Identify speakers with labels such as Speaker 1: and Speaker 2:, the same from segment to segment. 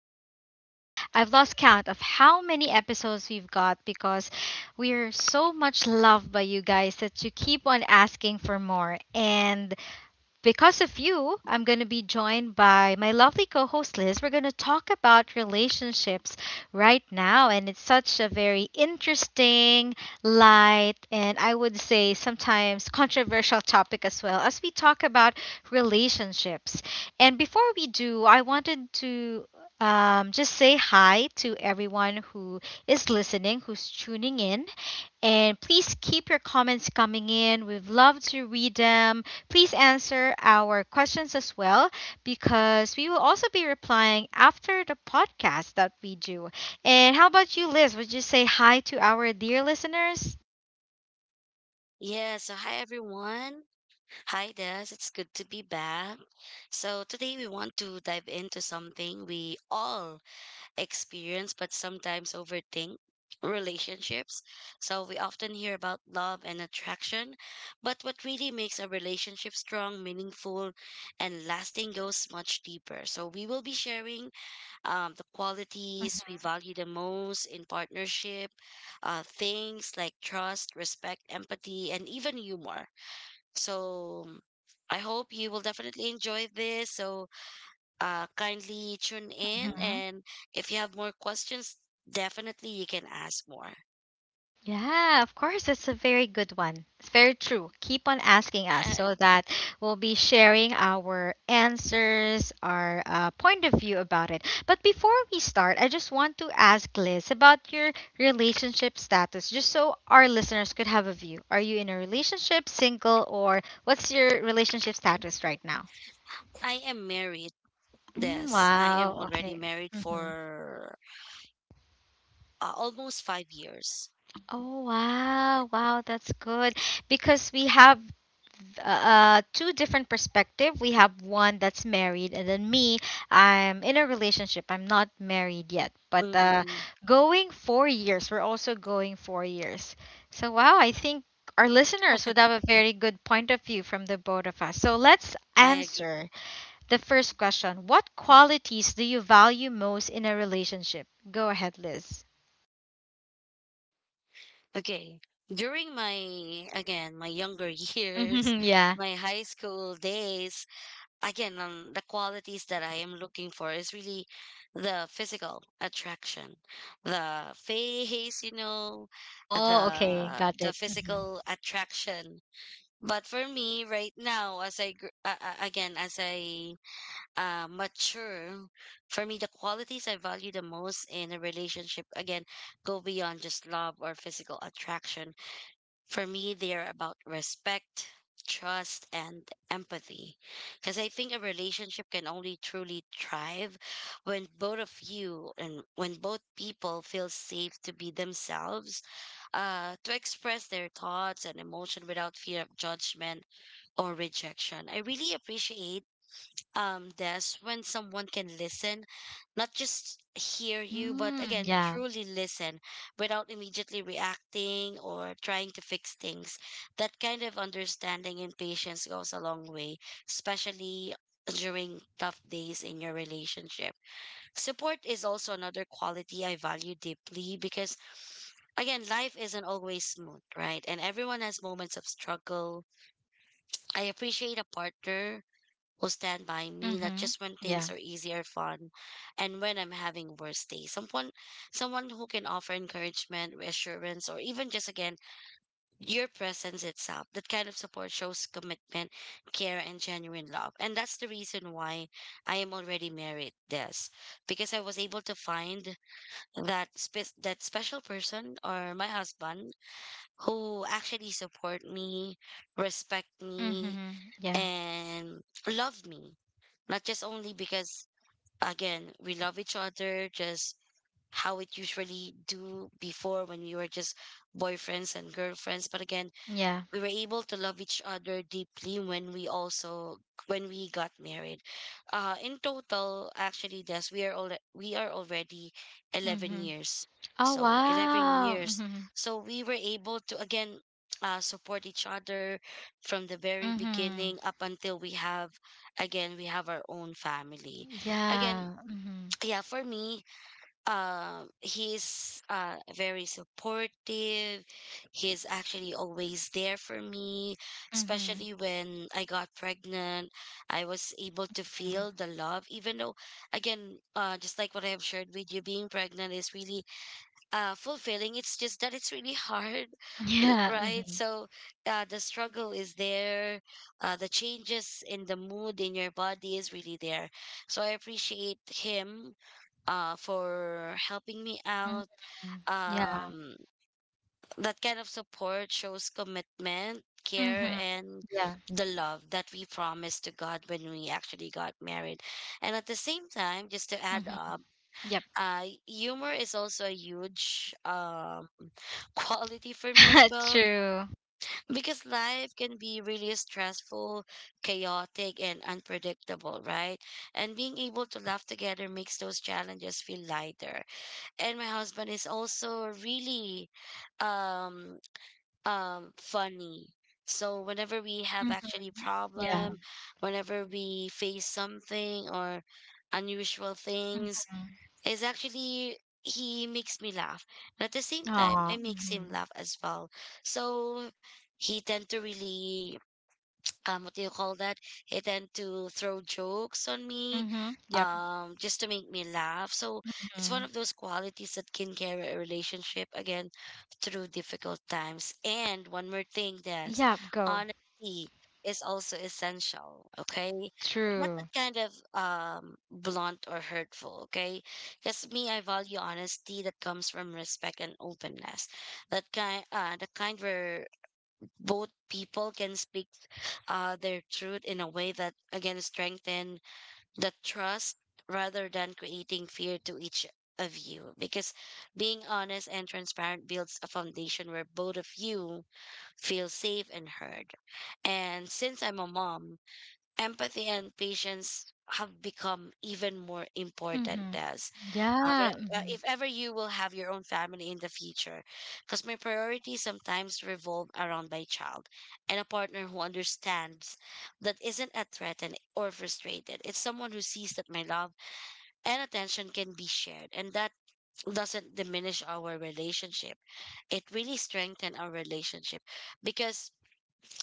Speaker 1: podcast. I've lost count of how many episodes we've got because we're so much loved by you guys that you keep on asking for more. And because of you, I'm going to be joined by my lovely co host Liz. We're going to talk about relationships right now, and it's such a very interesting, light, and I would say sometimes controversial topic as well as we talk about relationships. And before we do, I wanted to just say hi to everyone who is listening, who's tuning in. And please keep your comments coming in. We'd love to read them. Please answer our questions as well because we will also be replying after the podcast that we do. And how about you, Liz? Would you say hi to our dear listeners?
Speaker 2: Yeah, so hi everyone. Hi Des, it's good to be back. So today we want to dive into something we all experience but sometimes overthink, relationships. So we often hear about love and attraction, but what really makes a relationship strong, meaningful, and lasting goes much deeper. So we will be sharing the qualities we
Speaker 1: Mhm,
Speaker 2: value the most in partnership, things like trust, respect, empathy, and even humor. So I hope you will definitely enjoy this. So kindly tune in,
Speaker 1: mhm.
Speaker 2: and if you have more questions, definitely you can ask more.
Speaker 1: Yeah, of course. That's a very good one. It's very true. Keep on asking us so that we'll be sharing our answers, our point of view about it. But before we start, I just want to ask Liz about your relationship status, just so our listeners could have a view. Are you in a relationship, single, or what's your relationship status right now?
Speaker 2: I am married.
Speaker 1: Mm,
Speaker 2: Yes, I am
Speaker 1: wow.
Speaker 2: already
Speaker 1: Okay.
Speaker 2: married
Speaker 1: Hmm.
Speaker 2: for almost 5 years.
Speaker 1: Oh wow, wow, that's good. Because we have two different perspective, we have one that's married, and then me, I'm in a relationship, I'm not married yet, but
Speaker 2: Mm-mm.
Speaker 1: going 4 years, we're also going 4 years. So wow, I think our listeners would have a very good point of view from the both of us. So let's
Speaker 2: I
Speaker 1: answer the first question: what qualities do you value most in a relationship? Go ahead, Liz.
Speaker 2: Okay. During my, again, my younger years,
Speaker 1: Yeah.
Speaker 2: my high school days, again, the qualities that I am looking for is really the physical attraction, the face, you know,
Speaker 1: Oh, okay,
Speaker 2: the
Speaker 1: got
Speaker 2: the
Speaker 1: it. Hmm.
Speaker 2: physical attraction. But for me right now, again, as I mature, for me the qualities I value the most in a relationship again go beyond just love or physical attraction. For me, they are about respect, trust, and empathy. Because I think a relationship can only truly thrive when both of you and when both people feel safe to be themselves, to express their thoughts and emotion without fear of judgment or rejection. I really appreciate Des, when someone can listen, not just hear you, but
Speaker 1: Mm,
Speaker 2: again,
Speaker 1: yeah.
Speaker 2: truly listen without immediately reacting or trying to fix things. That kind of understanding and patience goes a long way, especially during tough days in your relationship. Support is also another quality I value deeply because again, life isn't always smooth, right? And everyone has moments of struggle. I appreciate a partner who stand by me not
Speaker 1: Hmm.
Speaker 2: just when things are easy or fun and when I'm having worse days. Someone who can offer encouragement, reassurance, or even just again your presence itself. That kind of support shows commitment, care, and genuine love. And that's the reason why I am already married this. Because I was able to find that special person or my husband who actually support me, respect me,
Speaker 1: Mhm. Yeah.
Speaker 2: and love me. Not just only because, again, we love each other, just how it usually do before when we were just boyfriends and girlfriends. But again,
Speaker 1: Yeah.
Speaker 2: we were able to love each other deeply when we got married. In total, actually, Des, we are already eleven
Speaker 1: Mhm.
Speaker 2: years.
Speaker 1: Oh
Speaker 2: So eleven
Speaker 1: wow.
Speaker 2: years.
Speaker 1: Mhm.
Speaker 2: So we were able to again support each other from the very
Speaker 1: Mhm.
Speaker 2: beginning up until we have again we have our own family. Again,
Speaker 1: Yeah. Mhm.
Speaker 2: yeah, for me, he's very supportive, he's actually always there for me,
Speaker 1: Mhm.
Speaker 2: especially when I got pregnant. I was able to
Speaker 1: Mhm.
Speaker 2: feel the love even though again, just like what I have shared with you, being pregnant is really fulfilling, it's just that it's really hard.
Speaker 1: Yeah.
Speaker 2: Right,
Speaker 1: Mhm.
Speaker 2: so the struggle is there, the changes in the mood, in your body is really there, so I appreciate him, for helping me
Speaker 1: Mhm.
Speaker 2: out.
Speaker 1: Yeah.
Speaker 2: Um, that kind of support shows commitment, care,
Speaker 1: Mhm.
Speaker 2: and
Speaker 1: Yeah.
Speaker 2: the love that we promised to God when we actually got married. And at the same time, just to add
Speaker 1: Mhm.
Speaker 2: up,
Speaker 1: Yep.
Speaker 2: humor is also a huge quality for me as well,
Speaker 1: True.
Speaker 2: because life can be really stressful, chaotic, and unpredictable, right? And being able to laugh together makes those challenges feel lighter, and my husband is also really um funny. So whenever we have
Speaker 1: Mhm.
Speaker 2: actually
Speaker 1: Yeah.
Speaker 2: problem, whenever we face something or unusual things,
Speaker 1: Mhm.
Speaker 2: is actually he makes me laugh, and at the same time
Speaker 1: Aw.
Speaker 2: it makes him
Speaker 1: Mhm.
Speaker 2: laugh as well. So he tend to really what do you call that he tend to throw jokes on me
Speaker 1: Mhm. Yep.
Speaker 2: just to make me laugh. So it's one
Speaker 1: Mhm.
Speaker 2: of those qualities that can carry a relationship again through difficult times. And one more thing that's
Speaker 1: Yep. Go.
Speaker 2: honesty is also essential. Okay, but not
Speaker 1: True.
Speaker 2: that kind of blunt or hurtful. Okay, because me, I value honesty that comes from respect and openness, that kind the kind where both people can speak their truth in a way that again strengthen the trust rather than creating fear to each of you. Because being honest and transparent builds a foundation where both of you feel safe and heard. And since I'm a mom, empathy and patience have become even more important,
Speaker 1: Mhm.
Speaker 2: Des. uh, but
Speaker 1: Yeah.
Speaker 2: uh,
Speaker 1: Mhm.
Speaker 2: if ever you will have your own family in the future, because my priorities sometimes revolve around my child, and a partner who understands that isn't a threatened or frustrated. It's someone who sees that my love and attention can be shared, and that doesn't diminish our relationship. It really strengthens our relationship because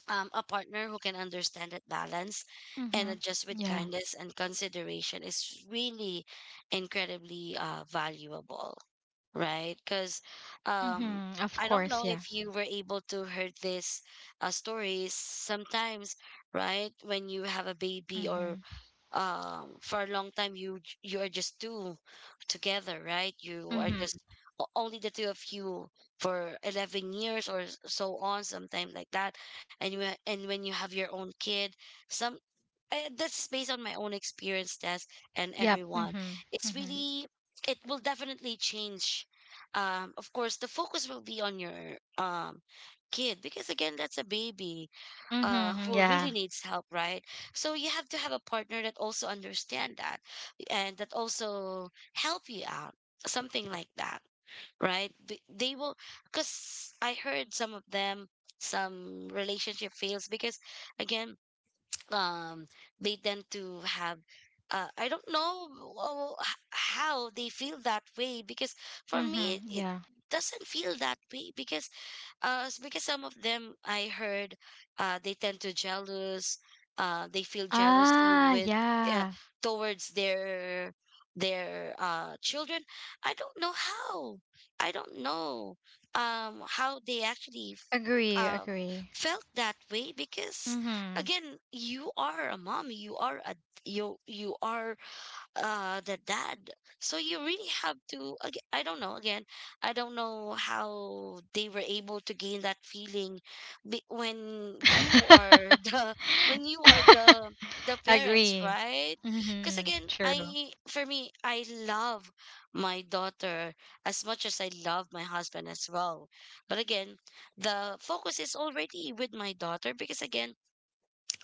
Speaker 2: a partner who can understand that balance and
Speaker 1: Mhm.
Speaker 2: adjust with
Speaker 1: Yeah.
Speaker 2: kindness and consideration is really incredibly valuable, right? Because um,
Speaker 1: Mhm. Of
Speaker 2: I don't
Speaker 1: course.
Speaker 2: know
Speaker 1: Yeah.
Speaker 2: if you were able to heard this stories sometimes, right? When you have a baby or
Speaker 1: Mhm.
Speaker 2: for a long time you are just two together, right? You are
Speaker 1: Mhm.
Speaker 2: just o- only the two of you for 11 years or so on sometimes like that. And when, and when you have your own kid, this based on my own experience test and
Speaker 1: Yep.
Speaker 2: everyone,
Speaker 1: Mhm.
Speaker 2: it's
Speaker 1: Mhm.
Speaker 2: really, it will definitely change. Of course the focus will be on your kid, because again that's a baby
Speaker 1: Mhm.
Speaker 2: who really
Speaker 1: Yeah.
Speaker 2: needs help, right? So you have to have a partner that also understand that, and that also help you out, something like that, right? B- they will Because I heard some of them, some relationship fails because again um they tend to have I don't know, how they feel that way. Because for
Speaker 1: Mhm.
Speaker 2: me it
Speaker 1: Yeah.
Speaker 2: doesn't feel that way because because some of them I heard they tend to jealous, they feel jealousy
Speaker 1: Ah,
Speaker 2: with uh,
Speaker 1: yeah.
Speaker 2: towards their their children. I don't know how, I don't know how they actually
Speaker 1: Agree,
Speaker 2: um,
Speaker 1: agree.
Speaker 2: felt that way. Because
Speaker 1: Mhm.
Speaker 2: again, you are a mom, you are the dad. So you really have to I don't know, again I don't know how they were able to gain that feeling, when you are the when you are the parents,
Speaker 1: Agree.
Speaker 2: right? Because
Speaker 1: Mhm.
Speaker 2: again,
Speaker 1: True.
Speaker 2: I for me I love my daughter as much as I love my husband as well. But again, the focus is already with my daughter because again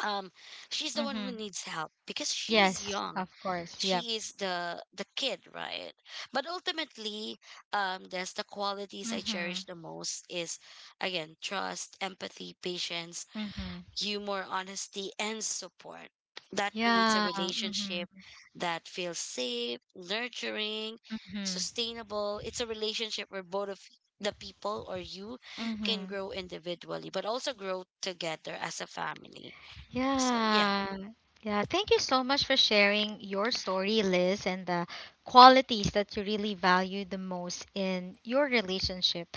Speaker 2: um she's the one who
Speaker 1: Mhm.
Speaker 2: needs help because she's
Speaker 1: Yes,
Speaker 2: young.
Speaker 1: of course. Yep.
Speaker 2: She is the kid, right? But ultimately there's the qualities I cherish
Speaker 1: Mhm.
Speaker 2: the most is again trust, empathy, patience,
Speaker 1: Mhm.
Speaker 2: humor, honesty, and support. That creates a
Speaker 1: Yeah. Mhm.
Speaker 2: relationship that feels safe, nurturing,
Speaker 1: Mhm.
Speaker 2: sustainable. It's a relationship where both of the people or you can
Speaker 1: Mhm.
Speaker 2: grow individually but also grow together as a family. So yeah.
Speaker 1: Yeah. Yeah. Thank you so much for sharing your story, Liz, and the qualities that you really value the most in your relationship.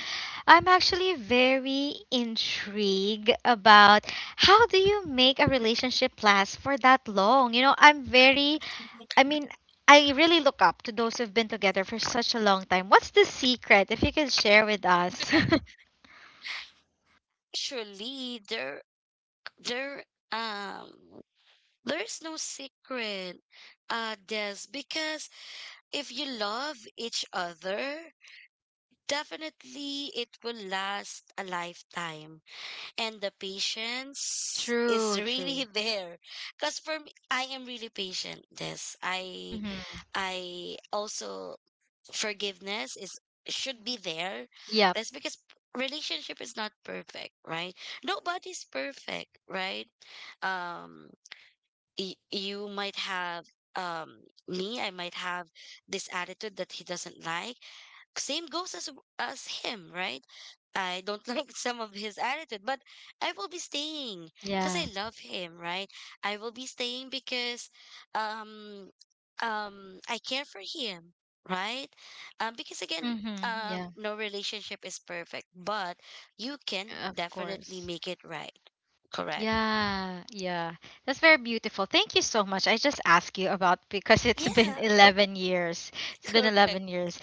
Speaker 1: I'm actually very intrigued about how do you make a relationship last for that long? You know, I'm very, I mean, I really look up to those who've been together for such a long time. What's the secret? If you could share with us.
Speaker 2: actually there there um There is no secret, Des, because if you love each other, definitely it will last a lifetime. And the patience is
Speaker 1: True,
Speaker 2: really
Speaker 1: true.
Speaker 2: there. Because for me, I am really patient, Des. I,
Speaker 1: Mm-hmm.
Speaker 2: I also, forgiveness is should be there.
Speaker 1: Yep.
Speaker 2: That's because relationship is not perfect, right? Nobody's perfect, right? Um, you might have um me I might have this attitude that he doesn't like, same goes as him, right? I don't like some of his attitude, but I will be staying because
Speaker 1: Yeah.
Speaker 2: I love him, right? I will be staying because um I care for him, right? Because again
Speaker 1: Mm-hmm. Yeah.
Speaker 2: no relationship is perfect, but you can
Speaker 1: Of
Speaker 2: definitely
Speaker 1: course.
Speaker 2: make it right, correct?
Speaker 1: Yeah, yeah. That's very beautiful. Thank you so much. I just asked you about because it's been
Speaker 2: Yeah.
Speaker 1: 11 years. It's been
Speaker 2: Correct.
Speaker 1: 11 years.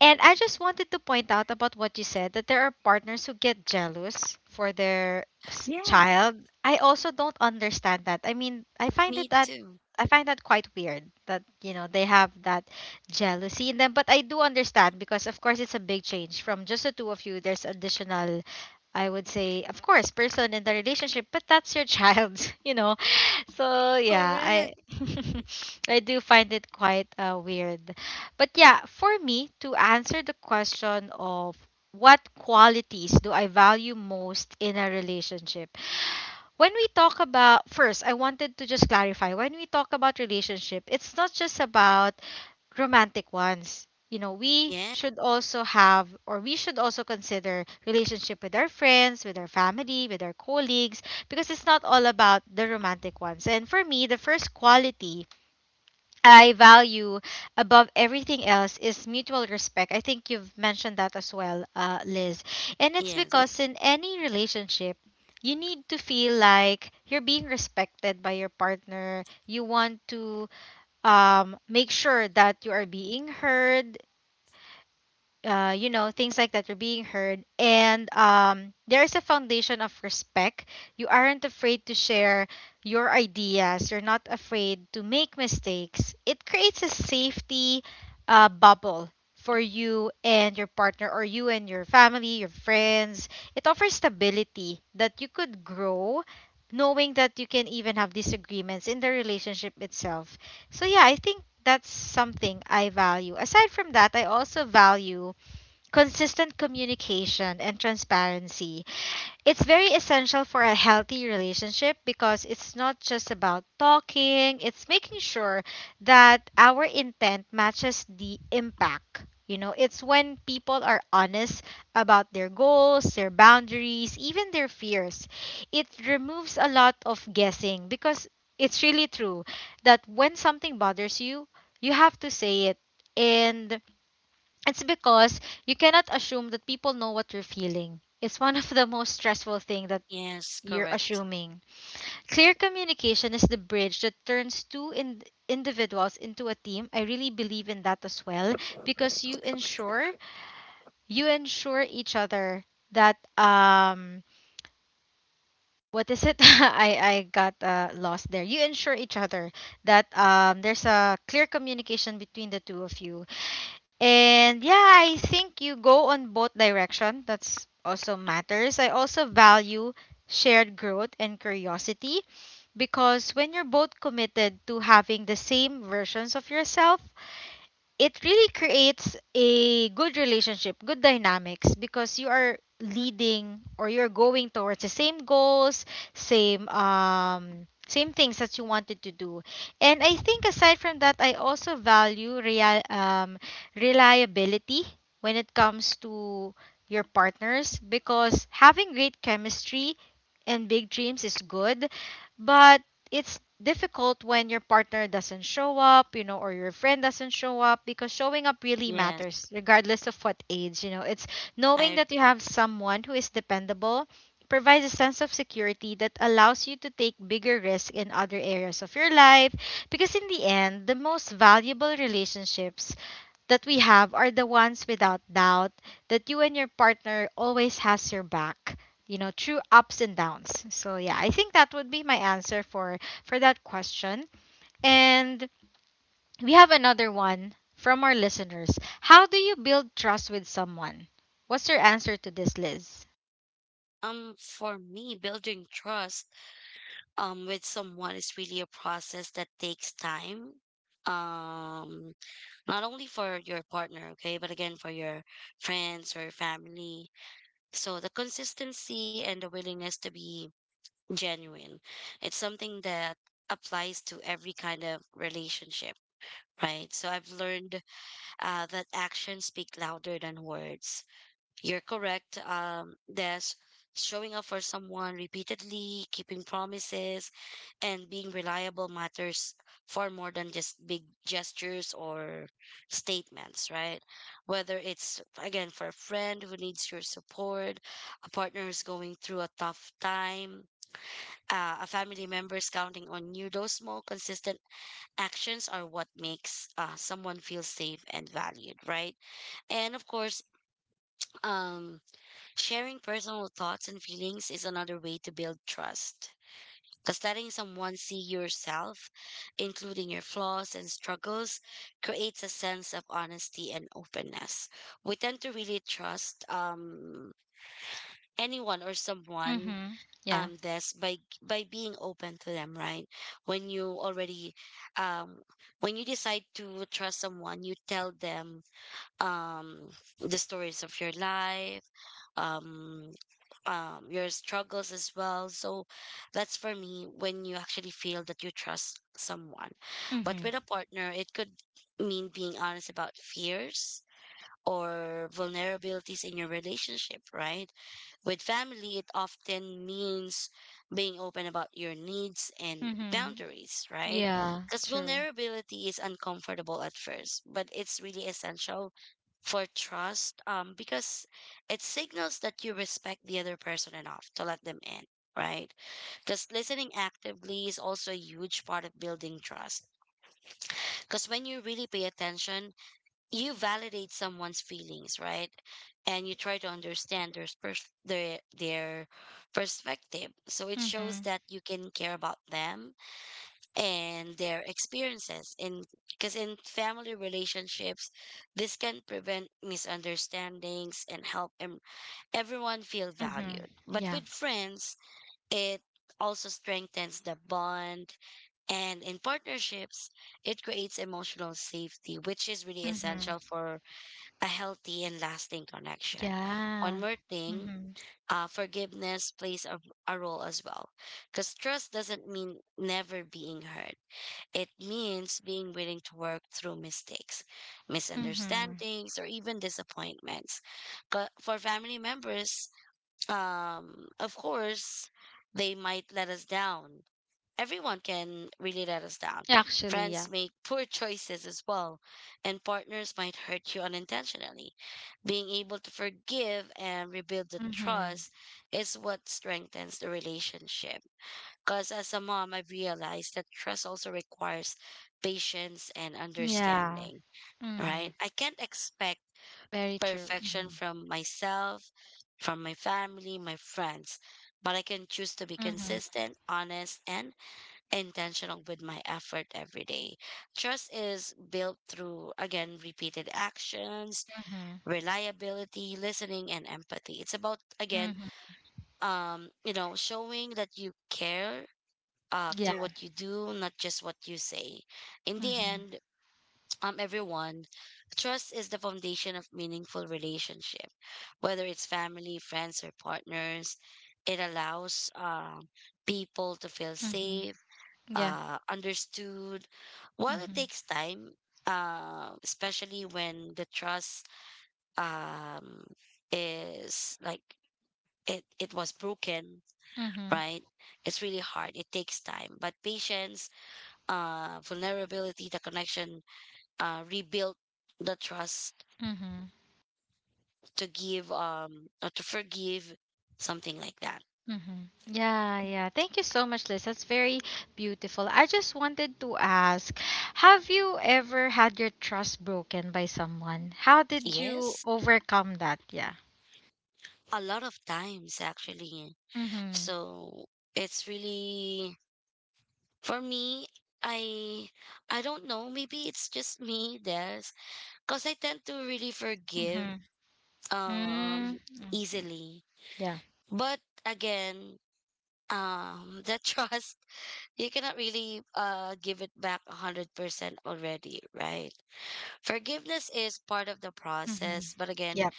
Speaker 1: And I just wanted to point out about what you said that there are partners who get jealous for their
Speaker 2: Yeah.
Speaker 1: child. I also don't understand that. I mean,
Speaker 2: Me too.
Speaker 1: I find that quite weird, that you know they have that jealousy in them. But I do understand because of course it's a big change from just the two of you. There's additional, I would say, of course, person in the relationship, but that's your child, you know. So yeah,
Speaker 2: Correct.
Speaker 1: I I do find it quite weird. But yeah, for me to answer the question of what qualities do I value most in a relationship? When we talk about, first, I wanted to just clarify when we talk about relationship, it's not just about romantic ones. You know, we
Speaker 2: Yeah.
Speaker 1: should also have, or we should also consider relationship with our friends, with our family, with our colleagues, because it's not all about the romantic ones. And for me, the first quality I value above everything else is mutual respect. I think you've mentioned that as well, Liz. And it's
Speaker 2: Yes.
Speaker 1: because in any relationship, you need to feel like you're being respected by your partner. You want to make sure that you are being heard, you know, things like that are being heard, and there's a foundation of respect. You aren't afraid to share your ideas, you're not afraid to make mistakes. It creates a safety bubble for you and your partner, or you and your family, your friends. It offers stability that you could grow, knowing that you can even have disagreements in the relationship itself. So yeah, I think that's something I value. Aside from that, I also value consistent communication and transparency. It's very essential for a healthy relationship because it's not just about talking, it's making sure that our intent matches the impact. You know, it's when people are honest about their goals, their boundaries, even their fears. It removes a lot of guessing because it's really true that when something bothers you, you have to say it. And it's because you cannot assume that people know what you're feeling. It's one of the most stressful thing that
Speaker 2: Yes.
Speaker 1: you're
Speaker 2: Correct.
Speaker 1: assuming. Clear communication is the bridge that turns two individuals into a team. I really believe in that as well because you ensure each other that what is it? I got lost there. You ensure each other that there's a clear communication between the two of you. And yeah, I think you go on both direction. That's also matters. I also value shared growth and curiosity because when you're both committed to having the same versions of yourself, it really creates a good relationship, good dynamics because you are leading or you're going towards the same goals, same things that you wanted to do. And I think aside from that, I also value real reliability when it comes to your partners because having great chemistry and big dreams is good, but it's difficult when your partner doesn't show up, you know, or your friend doesn't show up because showing up really
Speaker 2: Yes,
Speaker 1: matters, regardless of what age, you know. It's knowing
Speaker 2: I
Speaker 1: that you have someone who is dependable provides a sense of security that allows you to take bigger risks in other areas of your life because in the end the most valuable relationships that we have are the ones without doubt that you and your partner always has your back, you know, through ups and downs. So yeah, I think that would be my answer for that question. And we have another one from our listeners: how do you build trust with someone? What's your answer to this, Liz?
Speaker 2: Um, for me building trust with someone is really a process that takes time. Um, not only for your partner, okay, but again for your friends or family. So the consistency and the willingness to be genuine, it's something that applies to every kind of relationship, right? So I've learned that actions speak louder than words. You're correct. There's showing up for someone repeatedly, keeping promises, and being reliable matters far more than just big gestures or statements, right? Whether it's, again, for a friend who needs your support, a partner who's going through a tough time, a family member is counting on you, those small, consistent actions are what makes someone feel safe and valued, right? And of course, um, sharing personal thoughts and feelings is another way to build trust because letting someone see yourself, including your flaws and struggles, creates a sense of honesty and openness. We tend to really trust anyone or someone
Speaker 1: Mhm. Yeah.
Speaker 2: this by being open to them, right? When you already um, when you decide to trust someone, you tell them um, the stories of your life, um, your struggles as well. So that's for me when you actually feel that you trust someone. But
Speaker 1: Mhm.
Speaker 2: with a partner, it could mean being honest about fears or vulnerabilities in your relationship, right? With family, it often means being open about your needs and
Speaker 1: Mhm.
Speaker 2: boundaries, right?
Speaker 1: Yeah,
Speaker 2: Because
Speaker 1: true.
Speaker 2: vulnerability is uncomfortable at first, but it's really essential for trust because it signals that you respect the other person enough to let them in, right? Because listening actively is also a huge part of building trust. Because when you really pay attention, you validate someone's feelings, right? And you try to understand their perspective. So it shows
Speaker 1: Mhm.
Speaker 2: that you can care about them and their experiences in because in family relationships this can prevent misunderstandings and help everyone feel
Speaker 1: Mhm.
Speaker 2: valued. But
Speaker 1: Yeah.
Speaker 2: with friends it also strengthens the bond, and in partnerships it creates emotional safety which is really
Speaker 1: Mhm.
Speaker 2: essential for a healthy and lasting connection. One
Speaker 1: Yeah.
Speaker 2: more thing:
Speaker 1: Mhm.
Speaker 2: forgiveness plays a role as well because trust doesn't mean never being hurt. It means being willing to work through mistakes,
Speaker 1: Mhm.
Speaker 2: misunderstandings, or even disappointments. For family members, of course, they might let us down. Everyone can really let us down.
Speaker 1: Actually, yeah.
Speaker 2: Friends make poor choices as well, and partners might hurt you unintentionally. Being able to forgive and rebuild the
Speaker 1: Mm-hmm.
Speaker 2: trust is what strengthens the relationship, because as a mom, I've realized that trust also requires patience and
Speaker 1: Yeah.
Speaker 2: understanding,
Speaker 1: Mm-hmm.
Speaker 2: right? I can't expect
Speaker 1: Very true.
Speaker 2: perfection
Speaker 1: Mm-hmm.
Speaker 2: from myself, from my family, my friends, but I can choose to be
Speaker 1: Mm-hmm.
Speaker 2: consistent, honest, and intentional with my effort every day. Trust is built through, again, repeated actions,
Speaker 1: Mm-hmm.
Speaker 2: reliability, listening, and empathy. It's about, again,
Speaker 1: Mm-hmm.
Speaker 2: showing that you care
Speaker 1: Yeah.
Speaker 2: through what you do, not just what you say. In the
Speaker 1: Mm-hmm.
Speaker 2: end, everyone, trust is the foundation of meaningful relationship, whether it's family, friends, or partners. It allows people to feel
Speaker 1: Mm-hmm.
Speaker 2: safe,
Speaker 1: Yeah.
Speaker 2: understood. While it
Speaker 1: Mm-hmm.
Speaker 2: takes time, especially when the trust um, is like it was broken,
Speaker 1: Mm-hmm.
Speaker 2: right? It's really hard. It takes time, but patience, vulnerability, the connection, rebuild the trust
Speaker 1: Mm-hmm.
Speaker 2: to give, or to forgive, something like that.
Speaker 1: Mm-hmm. Yeah, yeah. Thank you so much, Liz. That's very beautiful. I just wanted to ask, have you ever had your trust broken by someone? How did you
Speaker 2: Yes,
Speaker 1: overcome that? Yeah.
Speaker 2: a lot of times actually.
Speaker 1: Mm-hmm.
Speaker 2: So it's really for me. I I don't know. Maybe it's just me, Des, because I tend to really
Speaker 1: Mm-hmm.
Speaker 2: forgive um
Speaker 1: Mm-hmm. Okay.
Speaker 2: easily.
Speaker 1: Yeah.
Speaker 2: But again, the trust you cannot really give it back 100% already, right? Forgiveness is part of the
Speaker 1: Mm-hmm.
Speaker 2: process, but again,
Speaker 1: Yep.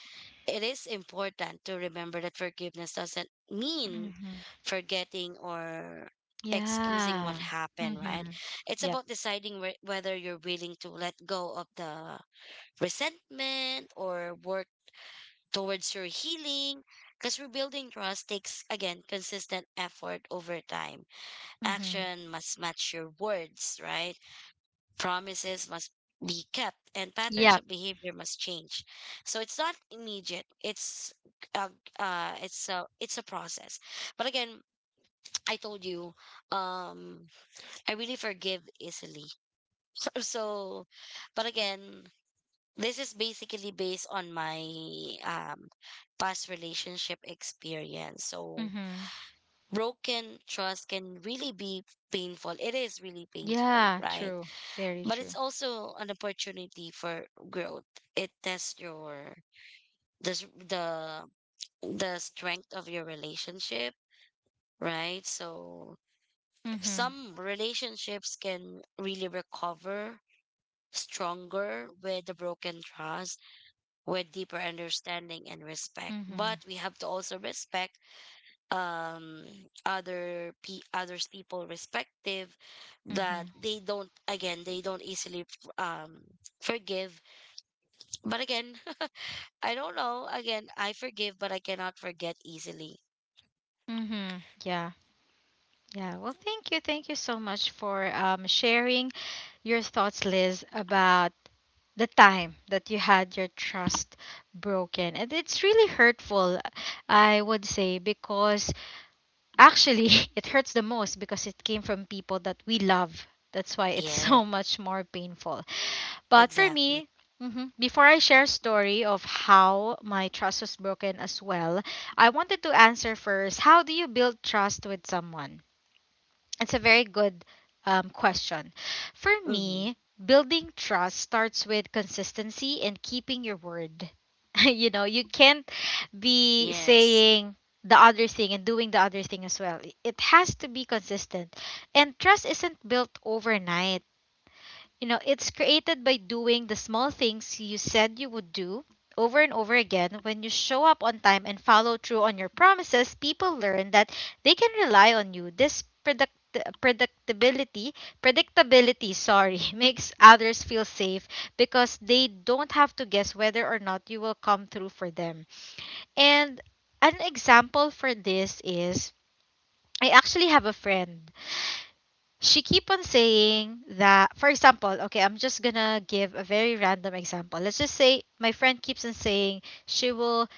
Speaker 2: it is important to remember that forgiveness doesn't mean
Speaker 1: Mm-hmm.
Speaker 2: forgetting or excusing
Speaker 1: Yeah.
Speaker 2: what happened, right?
Speaker 1: Mhm.
Speaker 2: It's
Speaker 1: Yep.
Speaker 2: about deciding whether you're willing to let go of the resentment or work towards your healing, because rebuilding trust takes, again, consistent effort over time.
Speaker 1: Mhm.
Speaker 2: Action must match your words, right? Promises must be kept and patterns
Speaker 1: Yep.
Speaker 2: of behavior must change. So it's not immediate. It's a, it's a process. But again, I told you, um, I really forgive easily. So, but again, this is basically based on my um, past relationship experience. So
Speaker 1: Mhm.
Speaker 2: broken trust can really be painful. It is really painful,
Speaker 1: Yeah,
Speaker 2: right?
Speaker 1: true. Very
Speaker 2: But
Speaker 1: true.
Speaker 2: it's also an opportunity for growth. It tests the the strength of your relationship, right? So
Speaker 1: Mhm.
Speaker 2: some relationships can really recover stronger with the broken trust, with deeper understanding and respect.
Speaker 1: Mhm.
Speaker 2: But we have to also respect um others people respective, that
Speaker 1: Mhm.
Speaker 2: they don't again they don't easily forgive. But again, I don't know. Again, I forgive, but I cannot forget easily.
Speaker 1: Mhm. Yeah. Yeah. Well, thank you. Thank you so much for sharing your thoughts, Liz, about the time that you had your trust broken. And it's really hurtful, I would say, because actually it hurts the most because it came from people that we love. That's why it's
Speaker 2: Yeah,
Speaker 1: so much more painful. But for
Speaker 2: exactly.
Speaker 1: me, mhm, before I share a story of how my trust was broken as well, I wanted to answer first: how do you build trust with someone? It's a very good question. For
Speaker 2: Hmm.
Speaker 1: me, building trust starts with consistency and keeping your word. You know, you can't be
Speaker 2: Yes.
Speaker 1: saying the other thing and doing the other thing as well. It has to be consistent. And trust isn't built overnight, you know, it's created by doing the small things you said you would do over and over again. When you show up on time and follow through on your promises, people learn that they can rely on you. This predictability predictability, sorry, makes others feel safe because they don't have to guess whether or not you will come through for them. And an example for this is I actually have a friend. She keep on saying that, for example, okay, I'm just gonna give a very random example. Let's just say my friend keeps on saying she will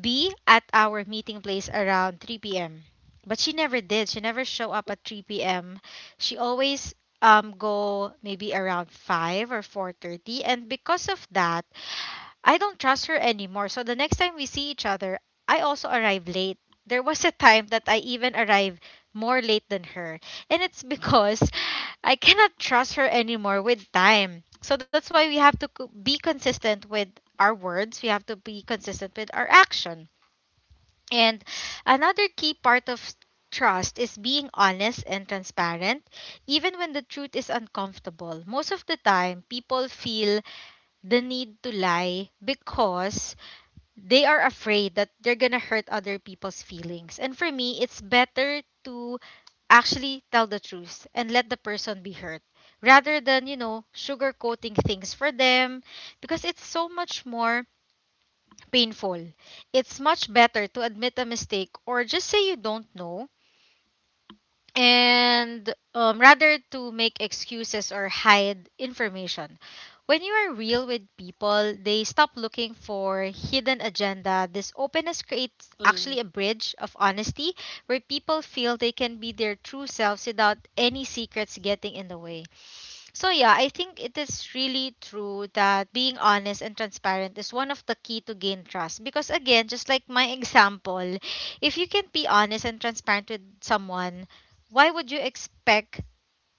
Speaker 1: be at our meeting place around 3 p.m, but she never did, she never show up at 3 p.m. She always go maybe around 5 or 4:30, and because of that, I don't trust her anymore. So the next time we see each other, I also arrive late. There was a time that I even arrived more late than her. And it's because I cannot trust her anymore with time. So that's why we have to be consistent with our words. We have to be consistent with our action. And another key part of trust is being honest and transparent, even when the truth is uncomfortable. Most of the time, people feel the need to lie because they are afraid that they're gonna hurt other people's feelings. And for me, it's better to actually tell the truth and let the person be hurt rather than, sugarcoating things for them because it's so much more painful. It's much better to admit a mistake or just say you don't know and rather to make excuses or hide information. When you are real with people, they stop looking for hidden agenda. This openness creates
Speaker 2: Mm,
Speaker 1: actually a bridge of honesty where people feel they can be their true selves without any secrets getting in the way. So, yeah, I think it is really true that being honest and transparent is one of the key to gain trust. Because, again, just like my example, if you can be honest and transparent with someone, why would you expect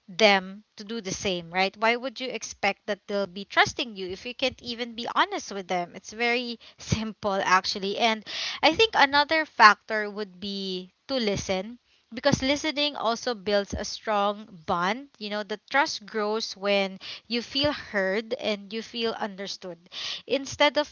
Speaker 1: them to do the same, right? Why would you expect that they'll be trusting you if you can't even be honest with them? It's very simple, actually. And I think another factor would be to listen because listening also builds a strong bond. You know, the trust grows when you feel heard and you feel understood instead of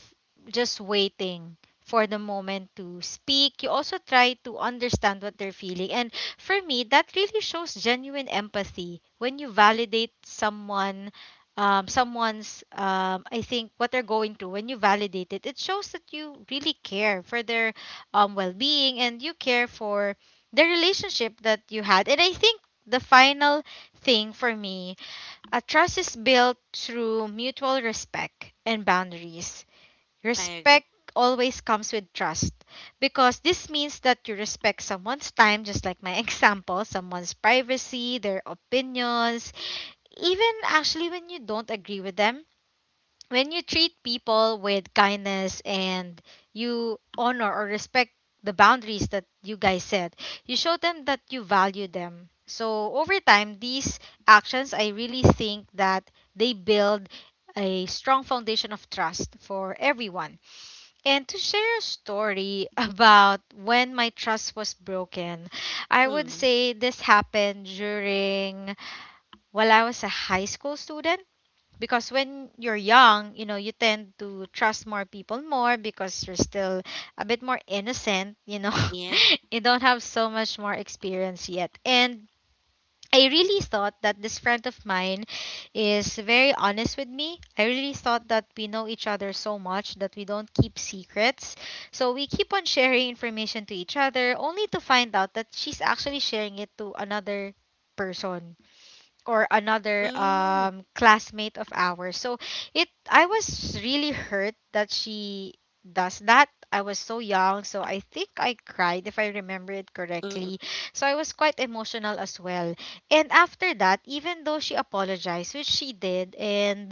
Speaker 1: just waiting. For the moment to speak, you also try to understand what they're feeling. And for me, that really shows genuine empathy when you validate someone, someone's, I think, what they're going through. When you validate it, it shows that you really care for their well being, and you care for the relationship that you had. And I think the final thing for me, a trust is built through mutual respect and boundaries.
Speaker 2: I agree.
Speaker 1: Respect always comes with trust because this means that you respect someone's time, just like my example, someone's privacy, their opinions, even actually when you don't agree with them. When you treat people with kindness and you honor or respect the boundaries that you guys set, you show them that you value them. So over time, these actions, I really think that they build a strong foundation of trust for everyone. And to share a story about when my trust was broken, I would
Speaker 2: Mm,
Speaker 1: say this happened during while I was a high school student. Because when you're young, you tend to trust more people more because you're still a bit more innocent,
Speaker 2: yeah.
Speaker 1: you don't have so much more experience yet. And I really thought that this friend of mine is very honest with me. I really thought that we know each other so much that we don't keep secrets. So we keep on sharing information to each other, only to find out that she's actually sharing it to another person, or another
Speaker 2: Mm,
Speaker 1: classmate of ours. So it I was really hurt that she does that. I was so young, so I think I cried if I remember it
Speaker 2: mm,
Speaker 1: correctly. So I was quite emotional as well. And after that, even though she apologized, which she did, and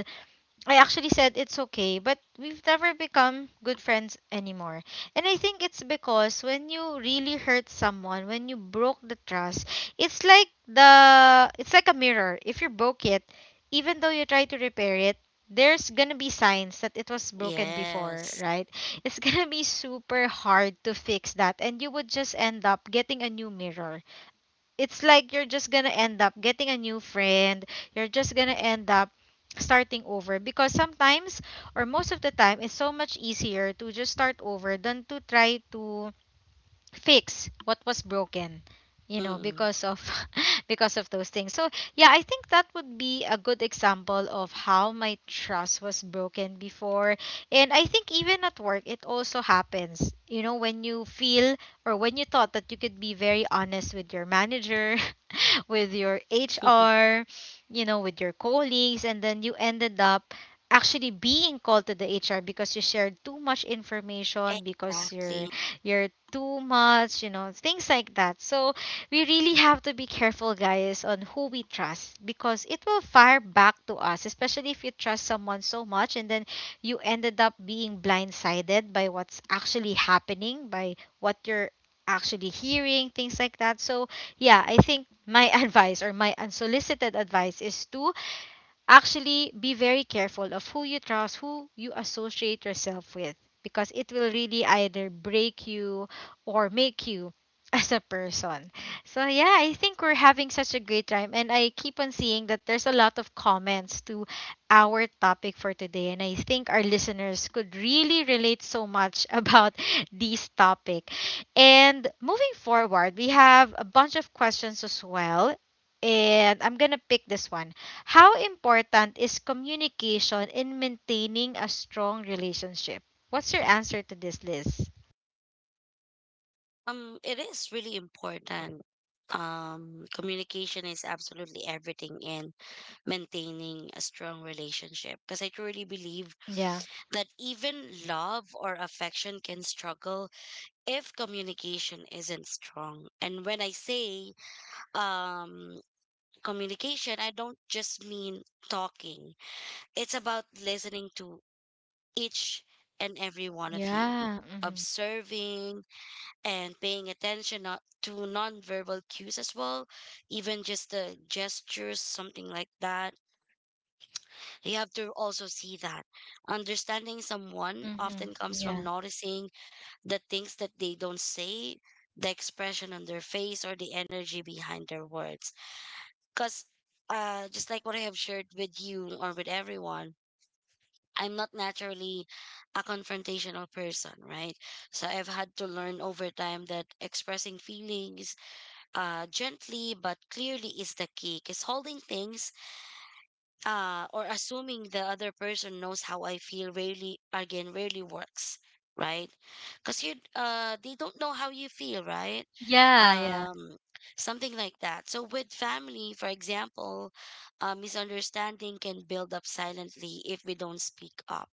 Speaker 1: I actually said it's okay, but we've never become good friends anymore. And I think it's because when you really hurt someone, when you broke the trust, it's like a mirror. If you broke it, even though you try to repair it, there's gonna be signs that it was broken before,
Speaker 2: yes.
Speaker 1: right? It's gonna be super hard to fix that, and you would just end up getting a new mirror. It's like you're just gonna end up getting a new friend. You're just gonna end up starting over because sometimes, or most of the time, it's so much easier to just start over than to try to fix what was broken,
Speaker 2: Mm,
Speaker 1: because of because of those things. So yeah, I think that would be a good example of how my trust was broken before. And I think even at work it also happens, when you feel or when you thought that you could be very honest with your manager, with your HR, with your colleagues, and then you ended up actually being called to the HR because you shared too much information, because you're
Speaker 2: exactly.
Speaker 1: you're too much, things like that. So we really have to be careful, guys, on who we trust because it will fire back to us, especially if you trust someone so much and then you ended up being blindsided by what's actually happening, by what you're actually hearing, things like that. So, yeah, I think my advice, or my unsolicited advice, is to actually be very careful of who you trust, who you associate yourself with, because it will really either break you or make you as a person. So, yeah, I think we're having such a great time. And I keep on seeing that there's a lot of comments to our topic for today. And I think our listeners could really relate so much about this topic. And moving forward, we have a bunch of questions as well. And I'm going to pick this one. How important is communication in maintaining a strong relationship? What's your answer to this list?
Speaker 2: It is really important. Communication is absolutely everything in maintaining a strong relationship, because I truly believe
Speaker 1: Yeah.
Speaker 2: that even love or affection can struggle if communication isn't strong. And when I say um communication, I don't just mean talking. It's about listening to each and every one of you,
Speaker 1: Yeah. Mm-hmm.
Speaker 2: observing and paying attention to nonverbal cues as well, even just the gestures, something like that. You have to also see that understanding someone
Speaker 1: Mm-hmm.
Speaker 2: often comes from
Speaker 1: Yeah.
Speaker 2: noticing the things that they don't say, the expression on their face, or the energy behind their words. Because just like what I have shared with you or with everyone, I'm not naturally a confrontational person, right? So I've had to learn over time that expressing feelings gently but clearly is the key. Because holding things or assuming the other person knows how I feel really again really works, right? Because you they don't know how you feel, right?
Speaker 1: Yeah. Yeah.
Speaker 2: Um, Something like that. So with family, for example, misunderstanding can build up silently if we don't speak up,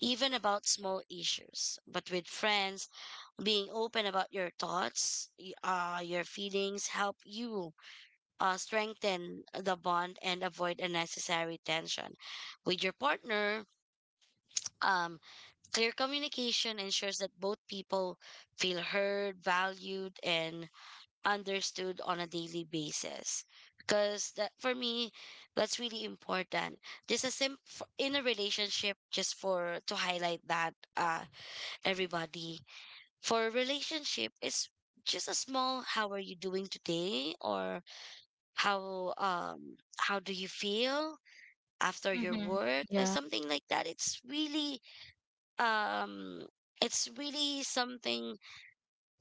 Speaker 2: even about small issues. But with friends, being open about your thoughts, your feelings help you strengthen the bond and avoid unnecessary tension. With your partner, um, clear communication ensures that both people feel heard, valued, and understood on a daily basis. Because that for me, that's really important. Just a in a relationship, just for to highlight that, everybody, for a relationship, it's just a small "How are you doing today?" or how do you feel after your
Speaker 1: Mm-hmm.
Speaker 2: work, like
Speaker 1: Yeah.
Speaker 2: something like that. It's really um it's really something